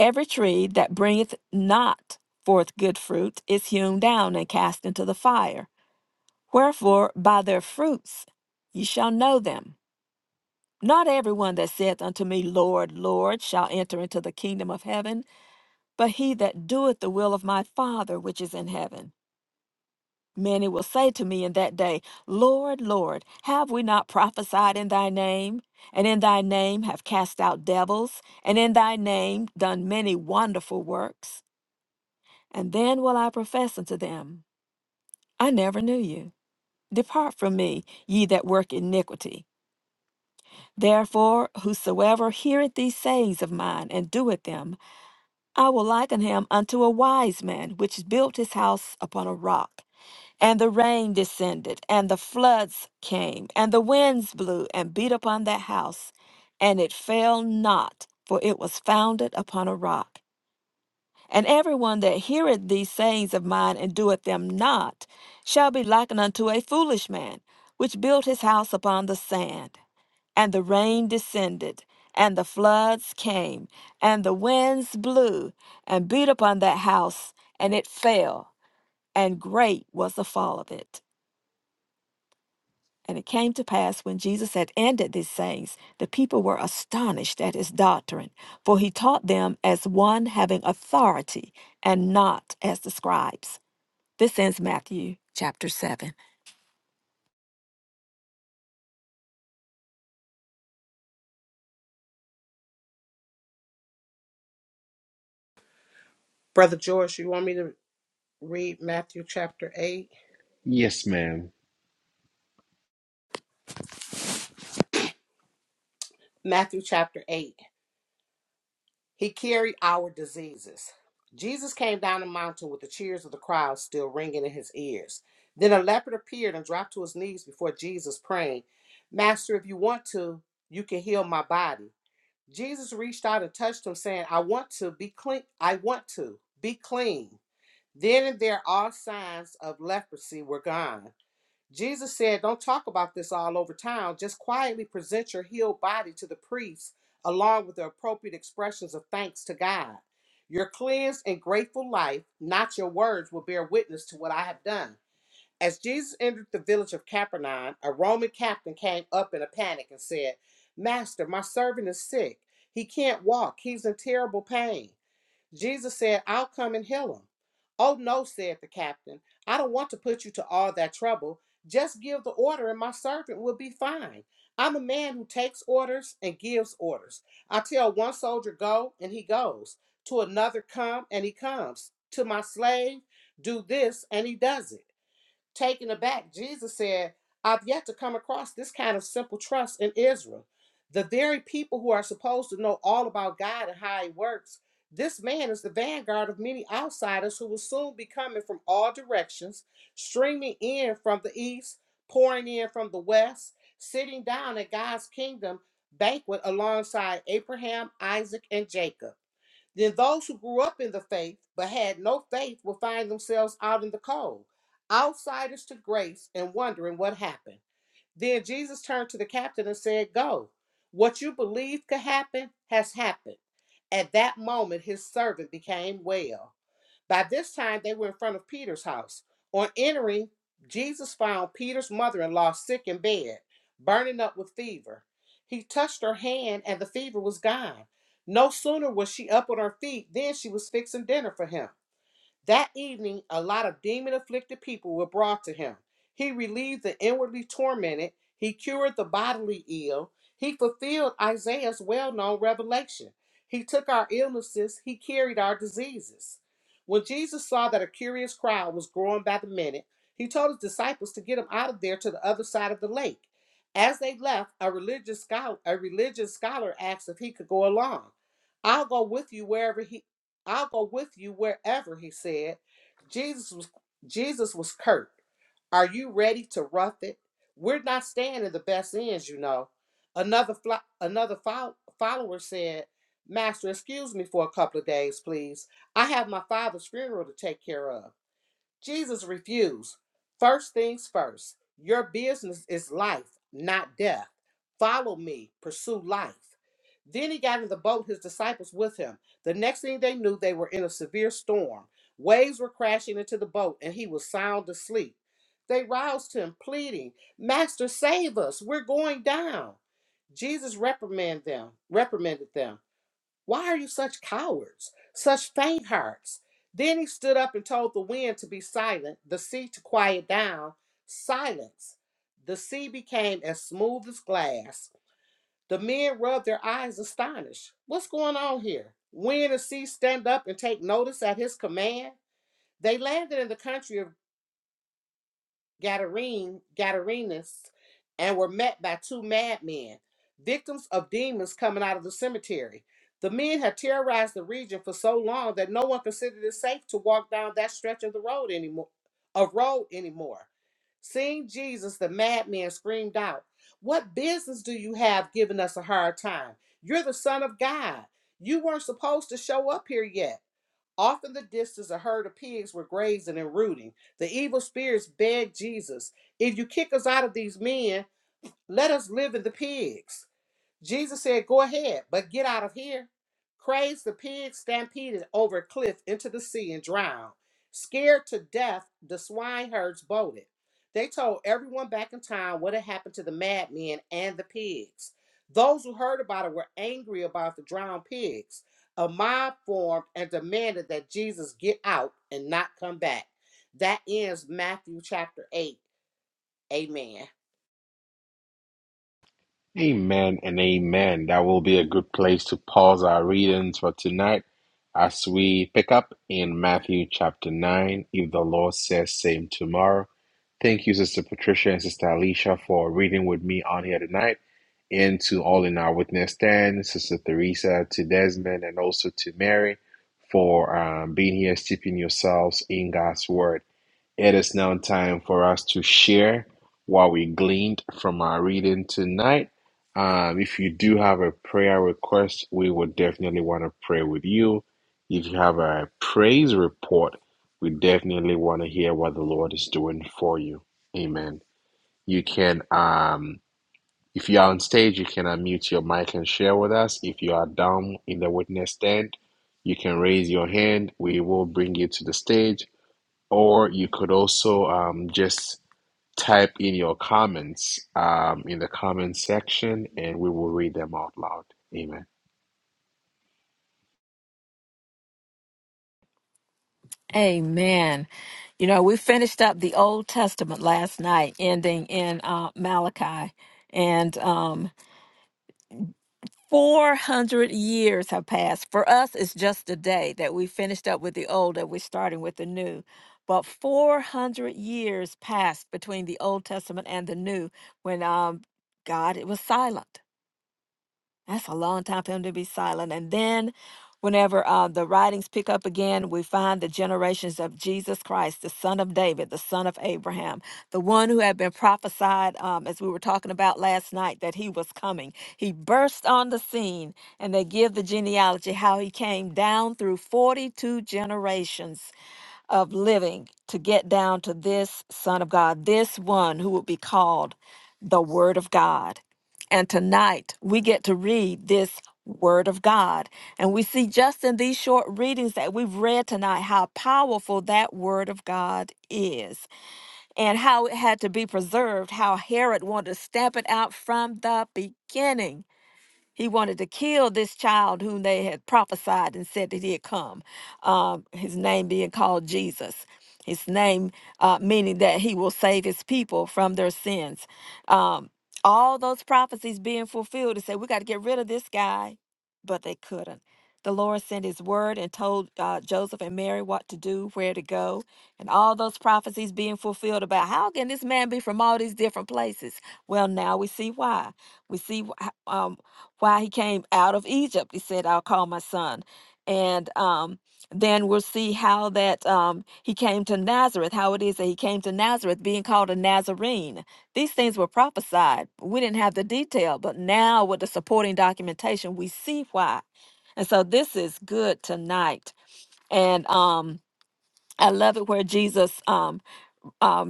Speaker 2: Every tree that bringeth not forth good fruit is hewn down and cast into the fire. Wherefore, by their fruits ye shall know them. Not every one that saith unto me, Lord, Lord, shall enter into the kingdom of heaven, but he that doeth the will of my Father which is in heaven. Many will say to me in that day, Lord, Lord, have we not prophesied in thy name? And in thy name have cast out devils, and in thy name done many wonderful works? And then will I profess unto them, I never knew you. Depart from me, ye that work iniquity. Therefore, whosoever heareth these sayings of mine and doeth them, I will liken him unto a wise man which built his house upon a rock. And the rain descended, and the floods came, and the winds blew and beat upon that house, and it fell not, for it was founded upon a rock. And everyone that heareth these sayings of mine and doeth them not shall be likened unto a foolish man, which built his house upon the sand. And the rain descended, and the floods came, and the winds blew, and beat upon that house, and it fell, and great was the fall of it. And it came to pass when Jesus had ended these sayings, the people were astonished at his doctrine, for he taught them as one having authority and not as the scribes. This ends Matthew chapter 7.
Speaker 3: Brother George, you want me to read Matthew chapter 8?
Speaker 1: Yes, ma'am.
Speaker 3: Matthew chapter 8. He carried our diseases. Jesus came down the mountain with the cheers of the crowd still ringing in his ears. Then a leopard appeared and dropped to his knees before Jesus, praying, Master, if you want to, you can heal my body. Jesus reached out and touched him, saying, I want to be clean. I want to be clean. Then and there, all signs of leprosy were gone. Jesus said, Don't talk about this all over town. Just quietly present your healed body to the priests, along with the appropriate expressions of thanks to God. Your cleansed and grateful life, not your words, will bear witness to what I have done. As Jesus entered the village of Capernaum, a Roman captain came up in a panic and said, Master, my servant is sick. He can't walk. He's in terrible pain. Jesus said, I'll come and heal him. Oh, no, said the captain. I don't want to put you to all that trouble. Just give the order, and my servant will be fine. I'm a man who takes orders and gives orders. I tell one soldier, go, and he goes. To another, come, and he comes. To my slave, do this, and he does it taken aback, Jesus said, I've yet to come across this kind of simple trust in Israel. The very people who are supposed to know all about God and how He works, this man is the vanguard of many outsiders who will soon be coming from all directions, streaming in from the east, pouring in from the west, sitting down at God's kingdom banquet alongside Abraham, Isaac, and Jacob. Then those who grew up in the faith but had no faith will find themselves out in the cold, outsiders to grace and wondering what happened. Then Jesus turned to the captain and said, Go. What you believed could happen has happened. At that moment, his servant became well. By this time, they were in front of Peter's house. On entering, Jesus found Peter's mother in law sick in bed, burning up with fever. He touched her hand, and the fever was gone. No sooner was she up on her feet than she was fixing dinner for him. That evening, a lot of demon afflicted people were brought to him. He relieved the inwardly tormented, he cured the bodily ill, he fulfilled Isaiah's well known revelation. He took our illnesses, he carried our diseases. When Jesus saw that a curious crowd was growing by the minute, he told his disciples to get him out of there to the other side of the lake. As they left, a religious scholar, a religious scholar asked if he could go along. I'll go with you wherever he." I'll go with you wherever, he said. Jesus was Jesus was curt. Are you ready to rough it? We're not staying in the best ends, you know. Another flo- another fol- follower said, "Master, excuse me for a couple of days, please. I have my father's funeral to take care of." Jesus refused. First things first, your business is life, not death. Follow me, pursue life. Then he got in the boat, his disciples with him. The next thing they knew, they were in a severe storm. Waves were crashing into the boat, and he was sound asleep. They roused him, pleading, Master, save us, we're going down. Jesus reprimanded them, reprimanded them. Why are you such cowards, such faint hearts? Then he stood up and told the wind to be silent, the sea to quiet down. Silence. The sea became as smooth as glass. The men rubbed their eyes astonished. What's going on here? Wind and sea stand up and take notice at his command? They landed in the country of Gadarene, Gadarenes, and were met by two madmen, victims of demons coming out of the cemetery. The men had terrorized the region for so long that no one considered it safe to walk down that stretch of the road anymore. Of road anymore. Seeing Jesus, the madman screamed out, "What business do you have giving us a hard time? You're the Son of God. You weren't supposed to show up here yet. Off in the distance, a herd of pigs were grazing and rooting. The evil spirits begged Jesus, If you kick us out of these men, let us live in the pigs. Jesus said, Go ahead, but get out of here. Crazed, the pig stampeded over a cliff into the sea and drowned. Scared to death, the swineherds bolted. They told everyone back in town what had happened to the madmen and the pigs. Those who heard about it were angry about the drowned pigs. A mob formed and demanded that Jesus get out and not come back. That ends Matthew chapter 8. Amen.
Speaker 1: Amen and amen. That will be a good place to pause our readings for tonight as we pick up in Matthew chapter 9. If the Lord says, same tomorrow. Thank you, Sister Patricia and Sister Alicia, for reading with me on here tonight. And to all in our witness stand, Sister Theresa, to Desmond, and also to Mary for um, being here, steeping yourselves in God's word. It is now time for us to share what we gleaned from our reading tonight. Um, if you do have a prayer request, we would definitely want to pray with you. If you have a praise report, we definitely want to hear what the Lord is doing for you. Amen. You can, um, if you are on stage, you can unmute your mic and share with us. If you are down in the witness stand, you can raise your hand. We will bring you to the stage or you could also um, just type in your comments um, in the comment section and we will read them out loud. Amen.
Speaker 2: Amen. You know, we finished up the Old Testament last night, ending in uh, Malachi. And um. 400 years have passed. For us, it's just a day that we finished up with the old and we're starting with the new. But 400 years passed between the Old Testament and the New when um, God it was silent. That's a long time for him to be silent. And then, whenever uh, the writings pick up again, we find the generations of Jesus Christ, the son of David, the son of Abraham, the one who had been prophesied, um, as we were talking about last night, that he was coming. He burst on the scene, and they give the genealogy how he came down through 42 generations of living to get down to this Son of God, this one who will be called the Word of God. And tonight we get to read this Word of God. And we see just in these short readings that we've read tonight how powerful that Word of God is and how it had to be preserved, how Herod wanted to stamp it out from the beginning. He wanted to kill this child whom they had prophesied and said that he had come, um, his name being called Jesus. His name, uh, meaning that he will save his people from their sins. Um, all those prophecies being fulfilled and said, we got to get rid of this guy, but they couldn't. The Lord sent his word and told uh, Joseph and Mary what to do, where to go, and all those prophecies being fulfilled about how can this man be from all these different places? Well, now we see why. We see wh- h- um, why he came out of Egypt. He said, I'll call my son. And um, then we'll see how that um, he came to Nazareth, how it is that he came to Nazareth being called a Nazarene. These things were prophesied. We didn't have the detail, but now with the supporting documentation, we see why. And so this is good tonight. And um, I love it where Jesus um, um,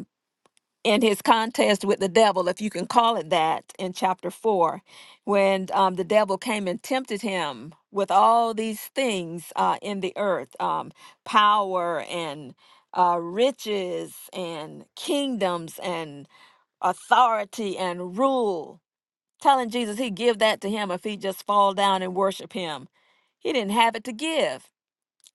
Speaker 2: in his contest with the devil, if you can call it that, in chapter four, when um, the devil came and tempted him with all these things uh, in the earth um, power and uh, riches and kingdoms and authority and rule, telling Jesus he'd give that to him if he just fall down and worship him. He didn't have it to give.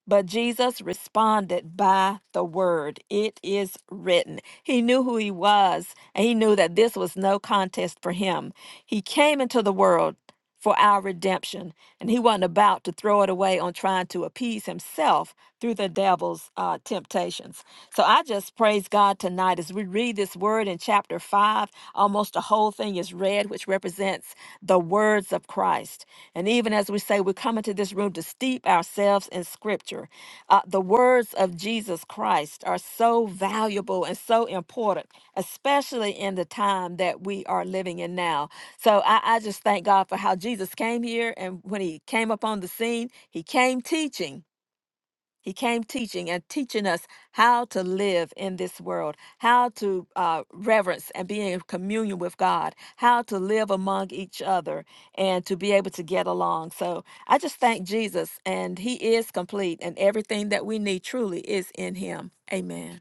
Speaker 2: But Jesus responded by the word, It is written. He knew who he was, and he knew that this was no contest for him. He came into the world for our redemption, and he wasn't about to throw it away on trying to appease himself yourself through the devil's uh, temptations. So I just praise God tonight as we read this word in chapter 5. Almost the whole thing is read, which represents the words of Christ. And even as we say, we come into this room to steep ourselves in scripture. Uh, the words of Jesus Christ are so valuable and so important, especially in the time that we are living in now. So I, I just thank God for how Jesus came here. And when he came upon the scene, he came teaching. He came teaching and teaching us how to live in this world, how to uh, reverence and be in communion with God, how to live among each other and to be able to get along. So I just thank Jesus, and He is complete, and everything that we need truly is in Him. Amen.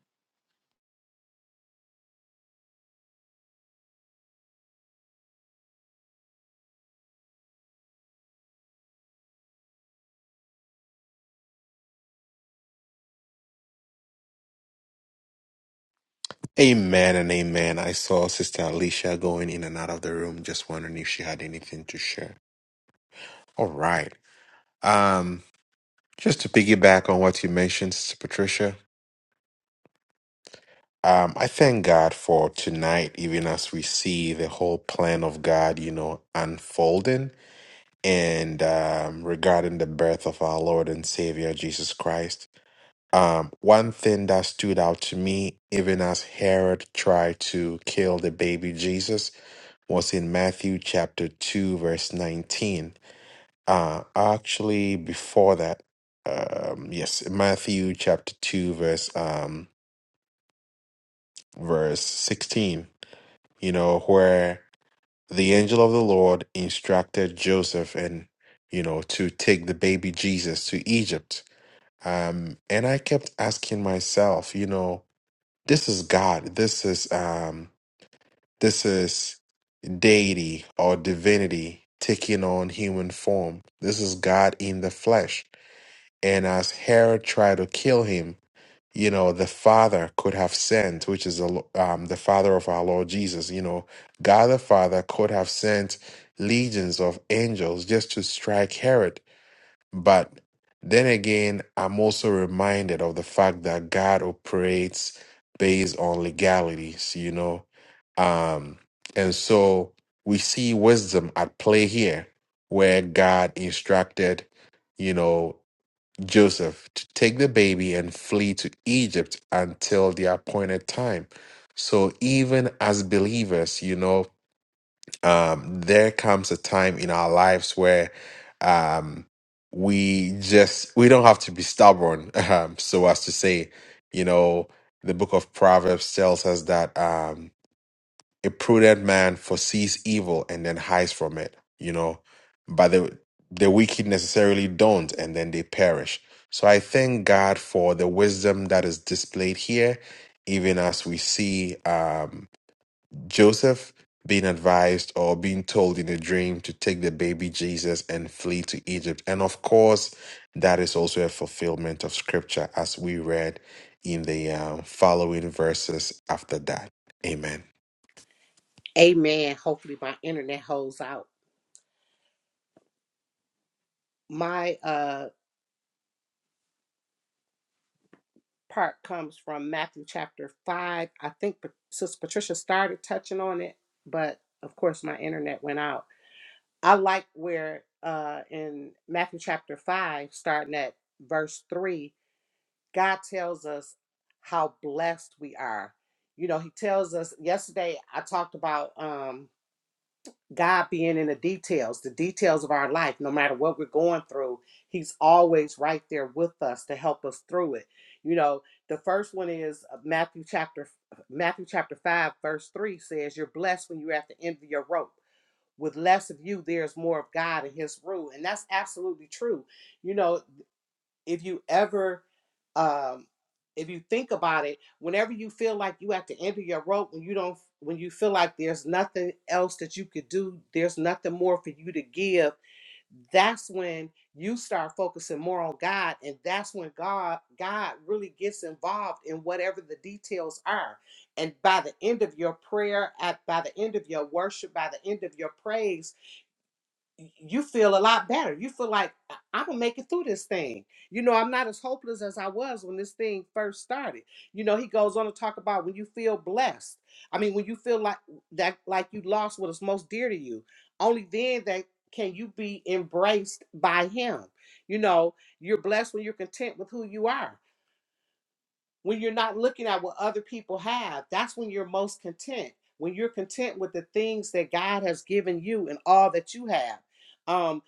Speaker 1: Amen and amen. I saw Sister Alicia going in and out of the room, just wondering if she had anything to share. All right. Um, just to piggyback on what you mentioned, Sister Patricia, um, I thank God for tonight, even as we see the whole plan of God, you know, unfolding. and um, regarding the birth of our Lord and Savior Jesus Christ. Um, one thing that stood out to me, even as Herod tried to kill the baby Jesus, was in Matthew chapter 2, verse 19. Uh, actually, before that, um, yes, Matthew chapter 2, verse, um, verse 16, you know, where the angel of the Lord instructed Joseph and, you know, to take the baby Jesus to Egypt Um, and I kept asking myself, you know, this is God, this is um, this is deity or divinity taking on human form. This is God in the flesh. And as Herod tried to kill him, you know, the Father could have sent, which is the Lo- um, the Father of our Lord Jesus. You know, God the Father could have sent legions of angels just to strike Herod but then again, I'm also reminded of the fact that God operates based on legalities, you know. Um, and so we see wisdom at play here, where God instructed, you know, Joseph to take the baby and flee to Egypt until the appointed time. So even as believers, you know, um, there comes a time in our lives where um, we just we don't have to be stubborn um, so as to say you know the book of proverbs tells us that um, a prudent man foresees evil and then hides from it you know but the the wicked necessarily don't and then they perish so i thank god for the wisdom that is displayed here even as we see Um, Joseph being advised or being told in a dream to take the baby Jesus and flee to Egypt. And of course, that is also a fulfillment of scripture as we read in the um, following verses after that. Amen.
Speaker 3: Amen. Hopefully, my internet holds out my uh part comes from Matthew chapter 5. I think Pa- Sister Patricia started touching on it, but of course my internet went out. I like where uh, in Matthew chapter 5, starting at verse 3, God tells us how blessed we are. You know, He tells us, yesterday I talked about. um, God being in the details, the details of our life, no matter what we're going through, He's always right there with us to help us through it. You know, the first one is uh, Matthew chapter Matthew chapter five, verse three says, "You're blessed when you're at the end of your rope. With less of you, there's more of God and His rule." And that's absolutely true. You know, if you ever um if you think about it whenever you feel like you at the end of your rope when you don't when you feel like there's nothing else that you could do there's nothing more for you to give that's when you start focusing more on god and that's when god god really gets involved in whatever the details are and by the end of your prayer at by the end of your worship by the end of your praise y- you feel a lot better. You feel like "I- I'm gonna make it through this thing. You know, I'm not as hopeless as I was when this thing first started. You know, he goes on to talk about when you feel blessed. I mean, when you feel like that, like you lost what is most dear to you. Only then that can you be embraced by Him. You know, you're blessed when you're content with who you are. When you're not looking at what other people have, that's when you're most content. When you're content with the things that God has given you and all that you have. Um,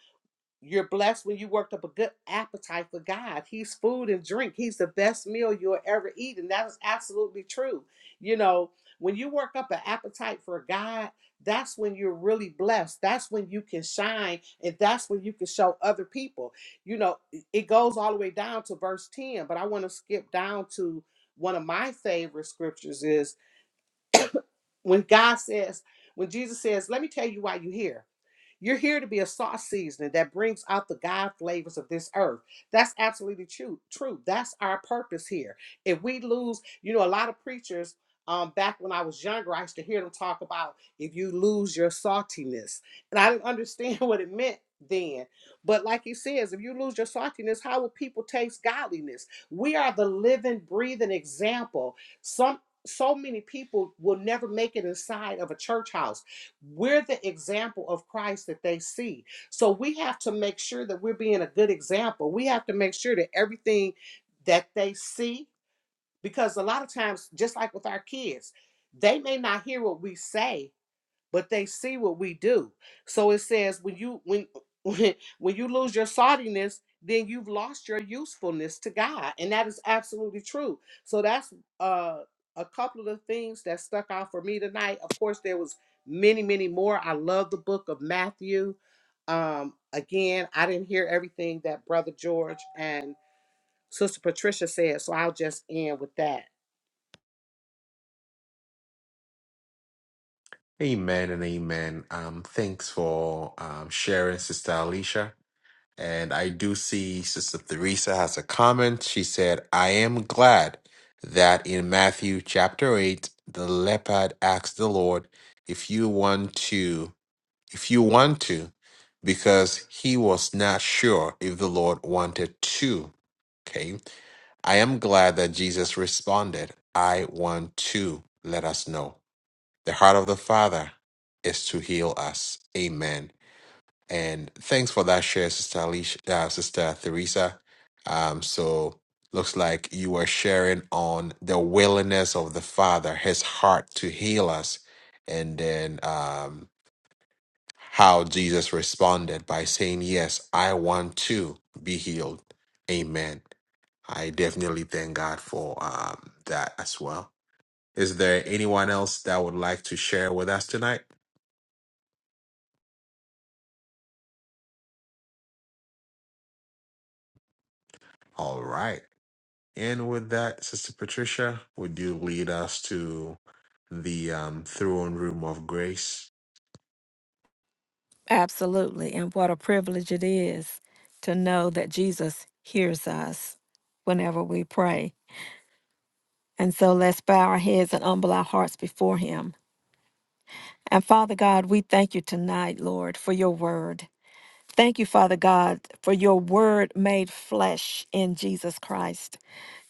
Speaker 3: you're blessed when you worked up a good appetite for God. He's food and drink. He's the best meal you'll ever eat. And that is absolutely true. You know, when you work up an appetite for God, that's when you're really blessed. That's when you can shine and that's when you can show other people. You know, it it goes all the way down to verse 10, but I want to skip down to one of my favorite scriptures is when God says, when Jesus says, Let me tell you why you're here. You're here to be a sauce seasoning that brings out the God flavors of this earth. That's absolutely true. True. That's our purpose here. If we lose, you know, a lot of preachers. Um, back when I was younger, I used to hear them talk about if you lose your saltiness, and I didn't understand what it meant then. But like he says, if you lose your saltiness, how will people taste godliness? We are the living, breathing example. Some so many people will never make it inside of a church house we're the example of Christ that they see. So we have to make sure that we're being a good example. We have to make sure that everything that they see, because a lot of times, just like with our kids, they may not hear what we say, but they see what we do. So it says when you when when, when you lose your saltiness, then you've lost your usefulness to God, and that is absolutely true. So that's uh, a couple of the things that stuck out for me tonight. Of course, there was many many more. I love the book of Matthew. Um, again, I didn't hear everything that Brother George and Sister Patricia said, so I'll just end with that.
Speaker 1: Amen and amen. Um, thanks for um, sharing, Sister Alicia. And I do see Sister Theresa has a comment. She said, I am glad that in Matthew chapter 8, the leopard asked the Lord if you want to, if you want to, because he was not sure if the Lord wanted to. Okay. I am glad that Jesus responded, I want to let us know. The heart of the Father is to heal us. Amen. And thanks for that share, Sister Alicia, uh, Sister Theresa. Um, so looks like you were sharing on the willingness of the Father, His heart to heal us, and then um, how Jesus responded by saying, "Yes, I want to be healed." Amen. I definitely thank God for um, that as well. Is there anyone else that would like to share with us tonight? All right. And with that, Sister Patricia, would you lead us to the um, throne room of grace?
Speaker 2: Absolutely. And what a privilege it is to know that Jesus hears us whenever we pray. And so let's bow our heads and humble our hearts before Him. And Father God, we thank you tonight, Lord, for your word. Thank you, Father God, for your word made flesh in Jesus Christ.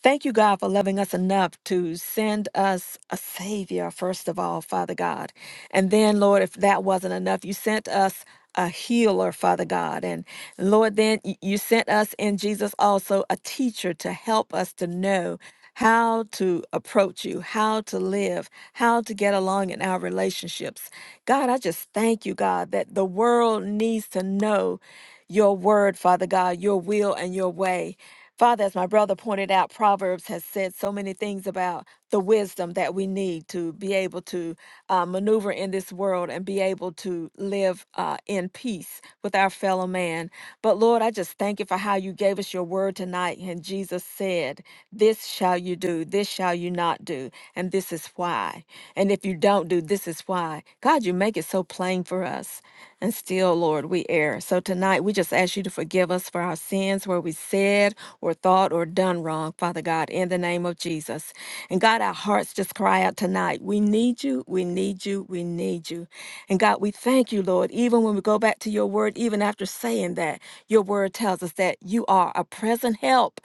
Speaker 2: Thank you, God, for loving us enough to send us a Savior, first of all, Father God. And then, Lord, if that wasn't enough, you sent us a healer, Father God. And Lord, then y- you sent us in Jesus also a teacher to help us to know how to approach you, how to live, how to get along in our relationships. God, I just thank you, God, that the world needs to know your word, Father God, your will and your way. Father, as my brother pointed out, Proverbs has said so many things about the wisdom that we need to be able to uh, maneuver in this world and be able to live uh, in peace with our fellow man. But Lord, I just thank you for how you gave us your word tonight. And Jesus said, This shall you do, this shall you not do, and this is why. And if you don't do, this is why. God, you make it so plain for us. And still, Lord, we err. So tonight, we just ask you to to forgive us for our sins where we said or thought or done wrong, Father God, in the name of Jesus. And God, our hearts just cry out tonight. We need you. We need you. We need you. And God, we thank you, Lord, even when we go back to your word, even after saying that, your word tells us that you are a present help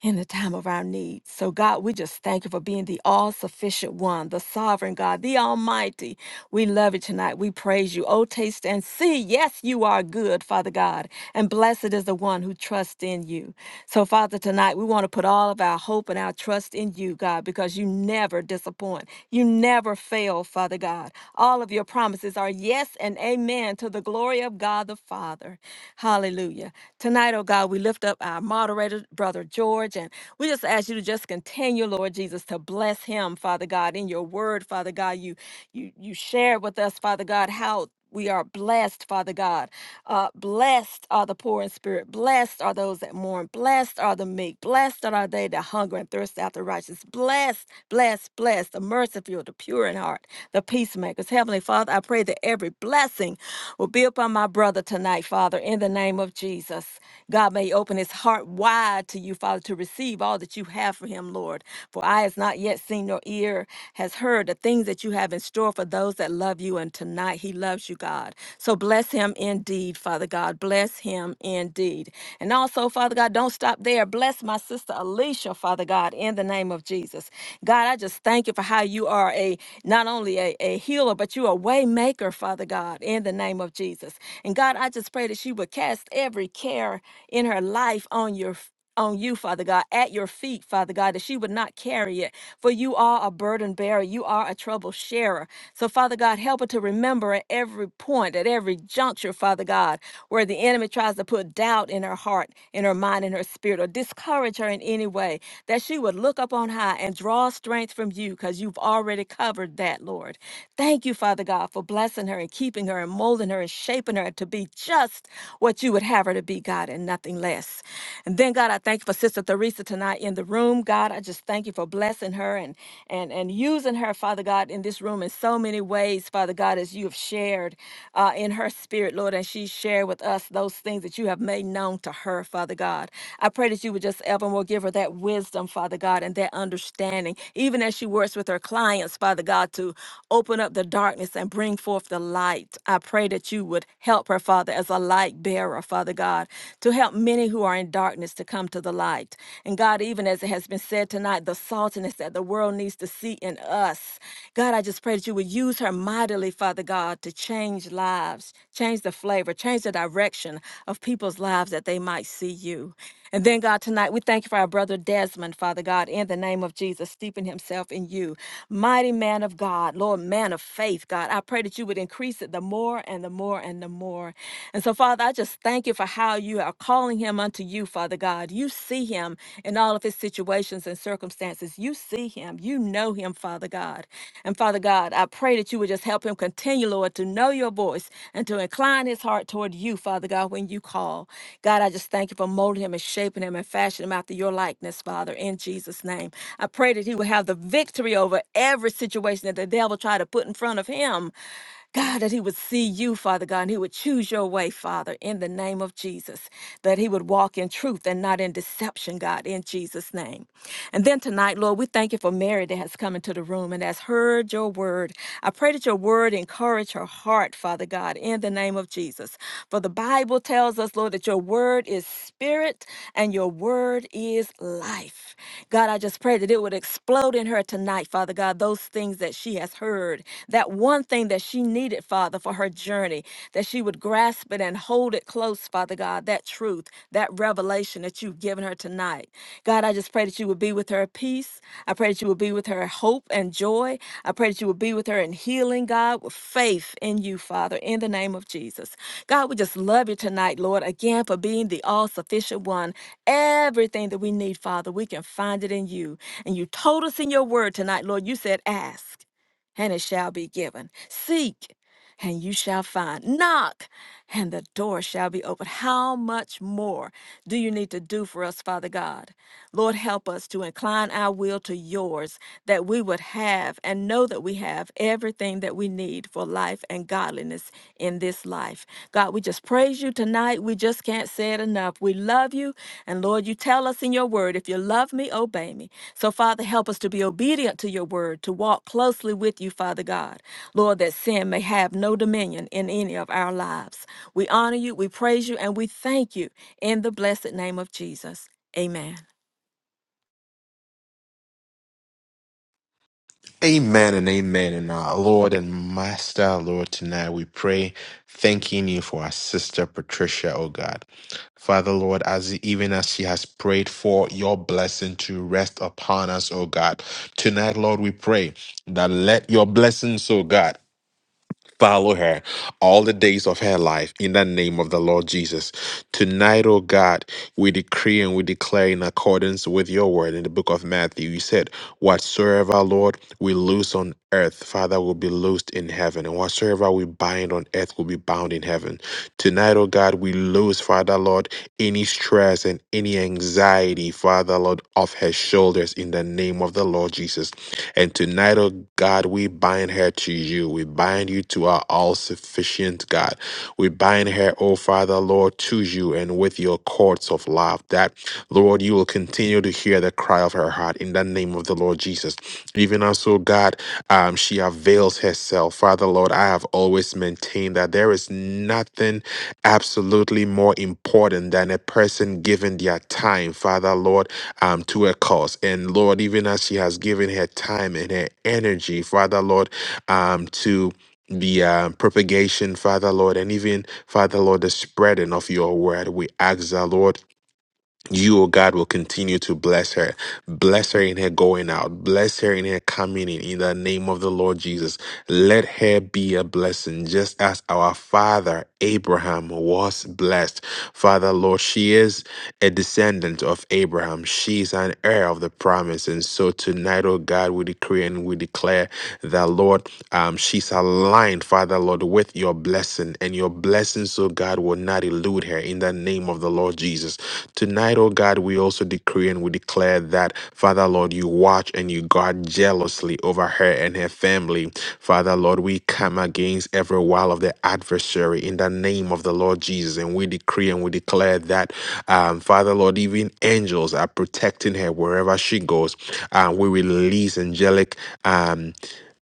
Speaker 2: in the time of our need. So, God, we just thank you for being the all sufficient one, the sovereign God, the Almighty. We love you tonight. We praise you. Oh, taste and see. Yes, you are good, Father God, and blessed is the one who trusts in you. So, Father, tonight we want to put all of our hope and our trust in you, God, because you never disappoint. You never fail, Father God. All of your promises are yes and amen to the glory of God the Father. Hallelujah. Tonight, oh God, we lift up our moderators moderator, Brother George. And we just ask you to just continue, Lord Jesus, to bless him, Father God, in your word, Father God. You you you shared with us, Father God, how we are blessed, Father God. Uh, blessed are the poor in spirit. Blessed are those that mourn. Blessed are the meek. Blessed are they that hunger and thirst after righteousness. Blessed, blessed, blessed, the merciful, the pure in heart, the peacemakers. Heavenly Father, I pray that every blessing will be upon my brother tonight, Father, in the name of Jesus. God God may open his heart wide to you, Father, to receive all that you have for him, Lord. For eye has not yet seen, nor ear has heard the things that you have in store for those that love you. And tonight he loves you, God. So bless him indeed, Father God. Bless him indeed. And also, Father God, don't stop there. Bless my sister Alicia, Father God, in the name of Jesus. God, I just thank you for how you are a not only a, a healer, but you are a way maker, Father God, in the name of Jesus. And God, I just pray that she would cast every every care in her life on your f- on you, Father God, at your feet, Father God, that she would not carry it. For you are a burden bearer. You are a trouble sharer. So, Father God, help her to remember at every point, at every juncture, Father God, where the enemy tries to put doubt in her heart, in her mind, in her spirit, or discourage her in any way, that she would look up on high and draw strength from you because you've already covered that, Lord. Thank you, Father God, for blessing her and keeping her and molding her and shaping her to be just just what you would have her to be, God, and nothing less. And then, God, I thank you for Sister Theresa tonight in the room. God, I just thank you for blessing her and and and using her, Father God, in this room in so many ways, Father God, as you have shared uh, in her spirit, Lord, and she shared with us those things that you have made known to her, Father God. I pray that you would just evermore give her that wisdom, Father God, and that understanding, even as she works with her clients, Father God, to open up the darkness and bring forth the light. I pray that you would Help her, Father, as a light bearer, Father God, to help many who are in darkness to come to the light. And God, even as it has been said tonight, the saltiness that the world needs to see in us. God, I just pray that you would use her mightily, Father God, to change lives, change the flavor, change the direction of people's lives that they might see you. And then, God, tonight we thank you for our brother Desmond, Father God, in the name of Jesus, steeping himself in you. Mighty man of God, Lord, man of faith, God, I pray that you would increase it the more and the more and the more. And so, Father, I just thank you for how you are calling him unto you, Father God. You see him in all of his situations and circumstances. You see him him. You know him, Father God. And Father God, I pray that you would just help him continue, Lord, to know your voice and to incline his heart toward you, Father God, when you call. God, I just thank you for molding him and shaping him and fashioning him after your likeness, Father, in Jesus' name. I pray that he will have the victory over every situation that the devil tried to put in front of him. God, that he would see you, Father God, and he would choose your way, Father, in the name of Jesus, that he would walk in truth and not in deception, God, in Jesus' name. And then tonight, Lord, we thank you for Mary that has come into the room and has heard your word. I pray that your word encourage her heart, Father God, in the name of Jesus. For the Bible tells tells us, Lord, that your word is spirit and your word is life. God, I just pray that it would explode in her tonight, Father God, those things that she has heard, that one thing that she needed, Father, for her journey, that she would grasp it and hold it close, Father God, that truth, that revelation that you've given her tonight. God, I just pray that you would be with her peace. I pray that you would be with her hope and joy. I pray that you would be with her in healing, God, with faith in you, Father, in the name of Jesus. God, we just love you tonight, Lord, again for being the all sufficient one. Everything that we need, Father, we can find it in you. And you told us in your word tonight, Lord, you said, ask and it shall be given. Seek and you shall find. Knock, and the door shall be opened. How much more do you need to do for us, Father God? Lord, help us to incline our will to yours, that we would have and know that we have everything that we need for life and godliness in this life. God, we just praise you tonight. We just can't say it enough. We love you. And Lord, you tell us in your word, if you love me, obey me. So, Father, help us to be obedient to your word, to walk closely with you, Father God. Lord, that sin may have no dominion in any of our lives. We honor you, we praise you, and we thank you in the blessed name of Jesus. Amen.
Speaker 1: Amen and amen. And our Lord and Master, Lord, tonight we pray, thanking you for our sister Patricia, oh God. Father, Lord, as even as she has prayed for your blessing to rest upon us, oh God. Tonight, Lord, we pray that let your blessings, oh God. follow her all the days of her life in the name of the Lord Jesus. Tonight, oh God, we decree and we declare in accordance with your word in the book of Matthew. You said, Whatsoever, Lord, we loose on earth, Father, will be loosed in heaven, and whatsoever we bind on earth will be bound in heaven. Tonight, oh God, we lose, Father Lord, any stress and any anxiety, Father Lord, off her shoulders in the name of the Lord Jesus. And tonight, oh God, we bind her to you. We bind you to our all sufficient God. We bind her, oh Father Lord, to you and with your courts of love, that, Lord, you will continue to hear the cry of her heart in the name of the Lord Jesus. Even as, oh God, um, she avails herself. Father Lord, I have always maintained that there is nothing absolutely more important than a person giving their time, Father Lord, um, to a cause. And Lord, even as she has given her time and her energy, Father Lord, um, to the uh, propagation, Father Lord, and even Father Lord, the spreading of your word. We ask the Lord you, O God, will continue to bless her. Bless her in her going out. Bless her in her coming in. In the name of the Lord Jesus, let her be a blessing, just as our father Abraham was blessed. Father, Lord, she is a descendant of Abraham. She is an heir of the promise. And so tonight, O God, we decree and we declare that, Lord, um, she's aligned, Father, Lord, with your blessing. And your blessings, O God, God will not elude her in the name of the Lord Jesus. Tonight, oh God, we also decree and we declare that, Father Lord, you watch and you guard jealously over her and her family. Father Lord, we come against every wile of the adversary in the name of the Lord Jesus. And we decree and we declare that, um, Father Lord, even angels are protecting her wherever she goes. Uh, we release angelic. Um,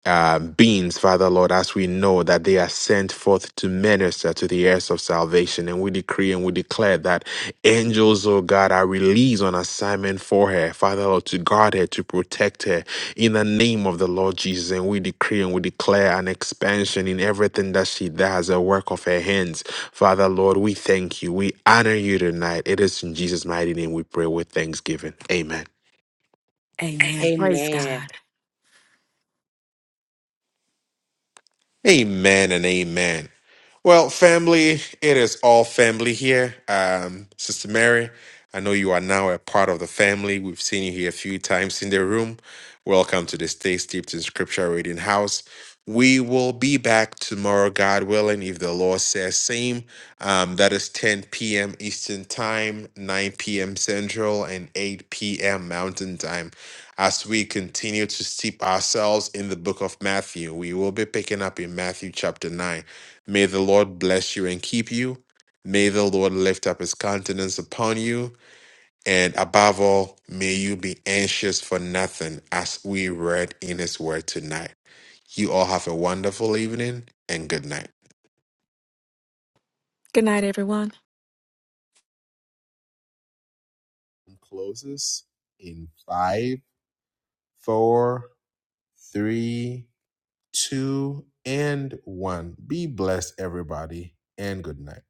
Speaker 1: uh, beings, Father Lord, as we know that they are sent forth to minister to the heirs of salvation. And we decree and we declare that angels, oh God, are released on assignment for her, Father Lord, to guard her, to protect her in the name of the Lord Jesus. And we decree and we declare an expansion in everything that she does, a work of her hands. Father Lord, we thank you. We honor you tonight. It is in Jesus' mighty name we pray with thanksgiving. Amen.
Speaker 2: Amen. Praise
Speaker 3: Amen.
Speaker 2: God.
Speaker 1: Amen and amen. Well, family, it is all family here. Um, Sister Mary, I know you are now a part of the family. We've seen you here a few times in the room. Welcome to the Stay Steeped in Scripture Reading House. We will be back tomorrow, God willing, if the Lord says same. Um, that is 10 p.m. Eastern Time, 9 p.m. Central, and 8 p.m. Mountain Time. As we continue to steep ourselves in the book of Matthew, we will be picking up in Matthew chapter 9. May the Lord bless you and keep you. May the Lord lift up his countenance upon you. And above all, may you be anxious for nothing as we read in his word tonight. You all have a wonderful evening and good night.
Speaker 2: Good night, everyone.
Speaker 1: Closes in five, four, three, two, and one. Be blessed, everybody, and good night.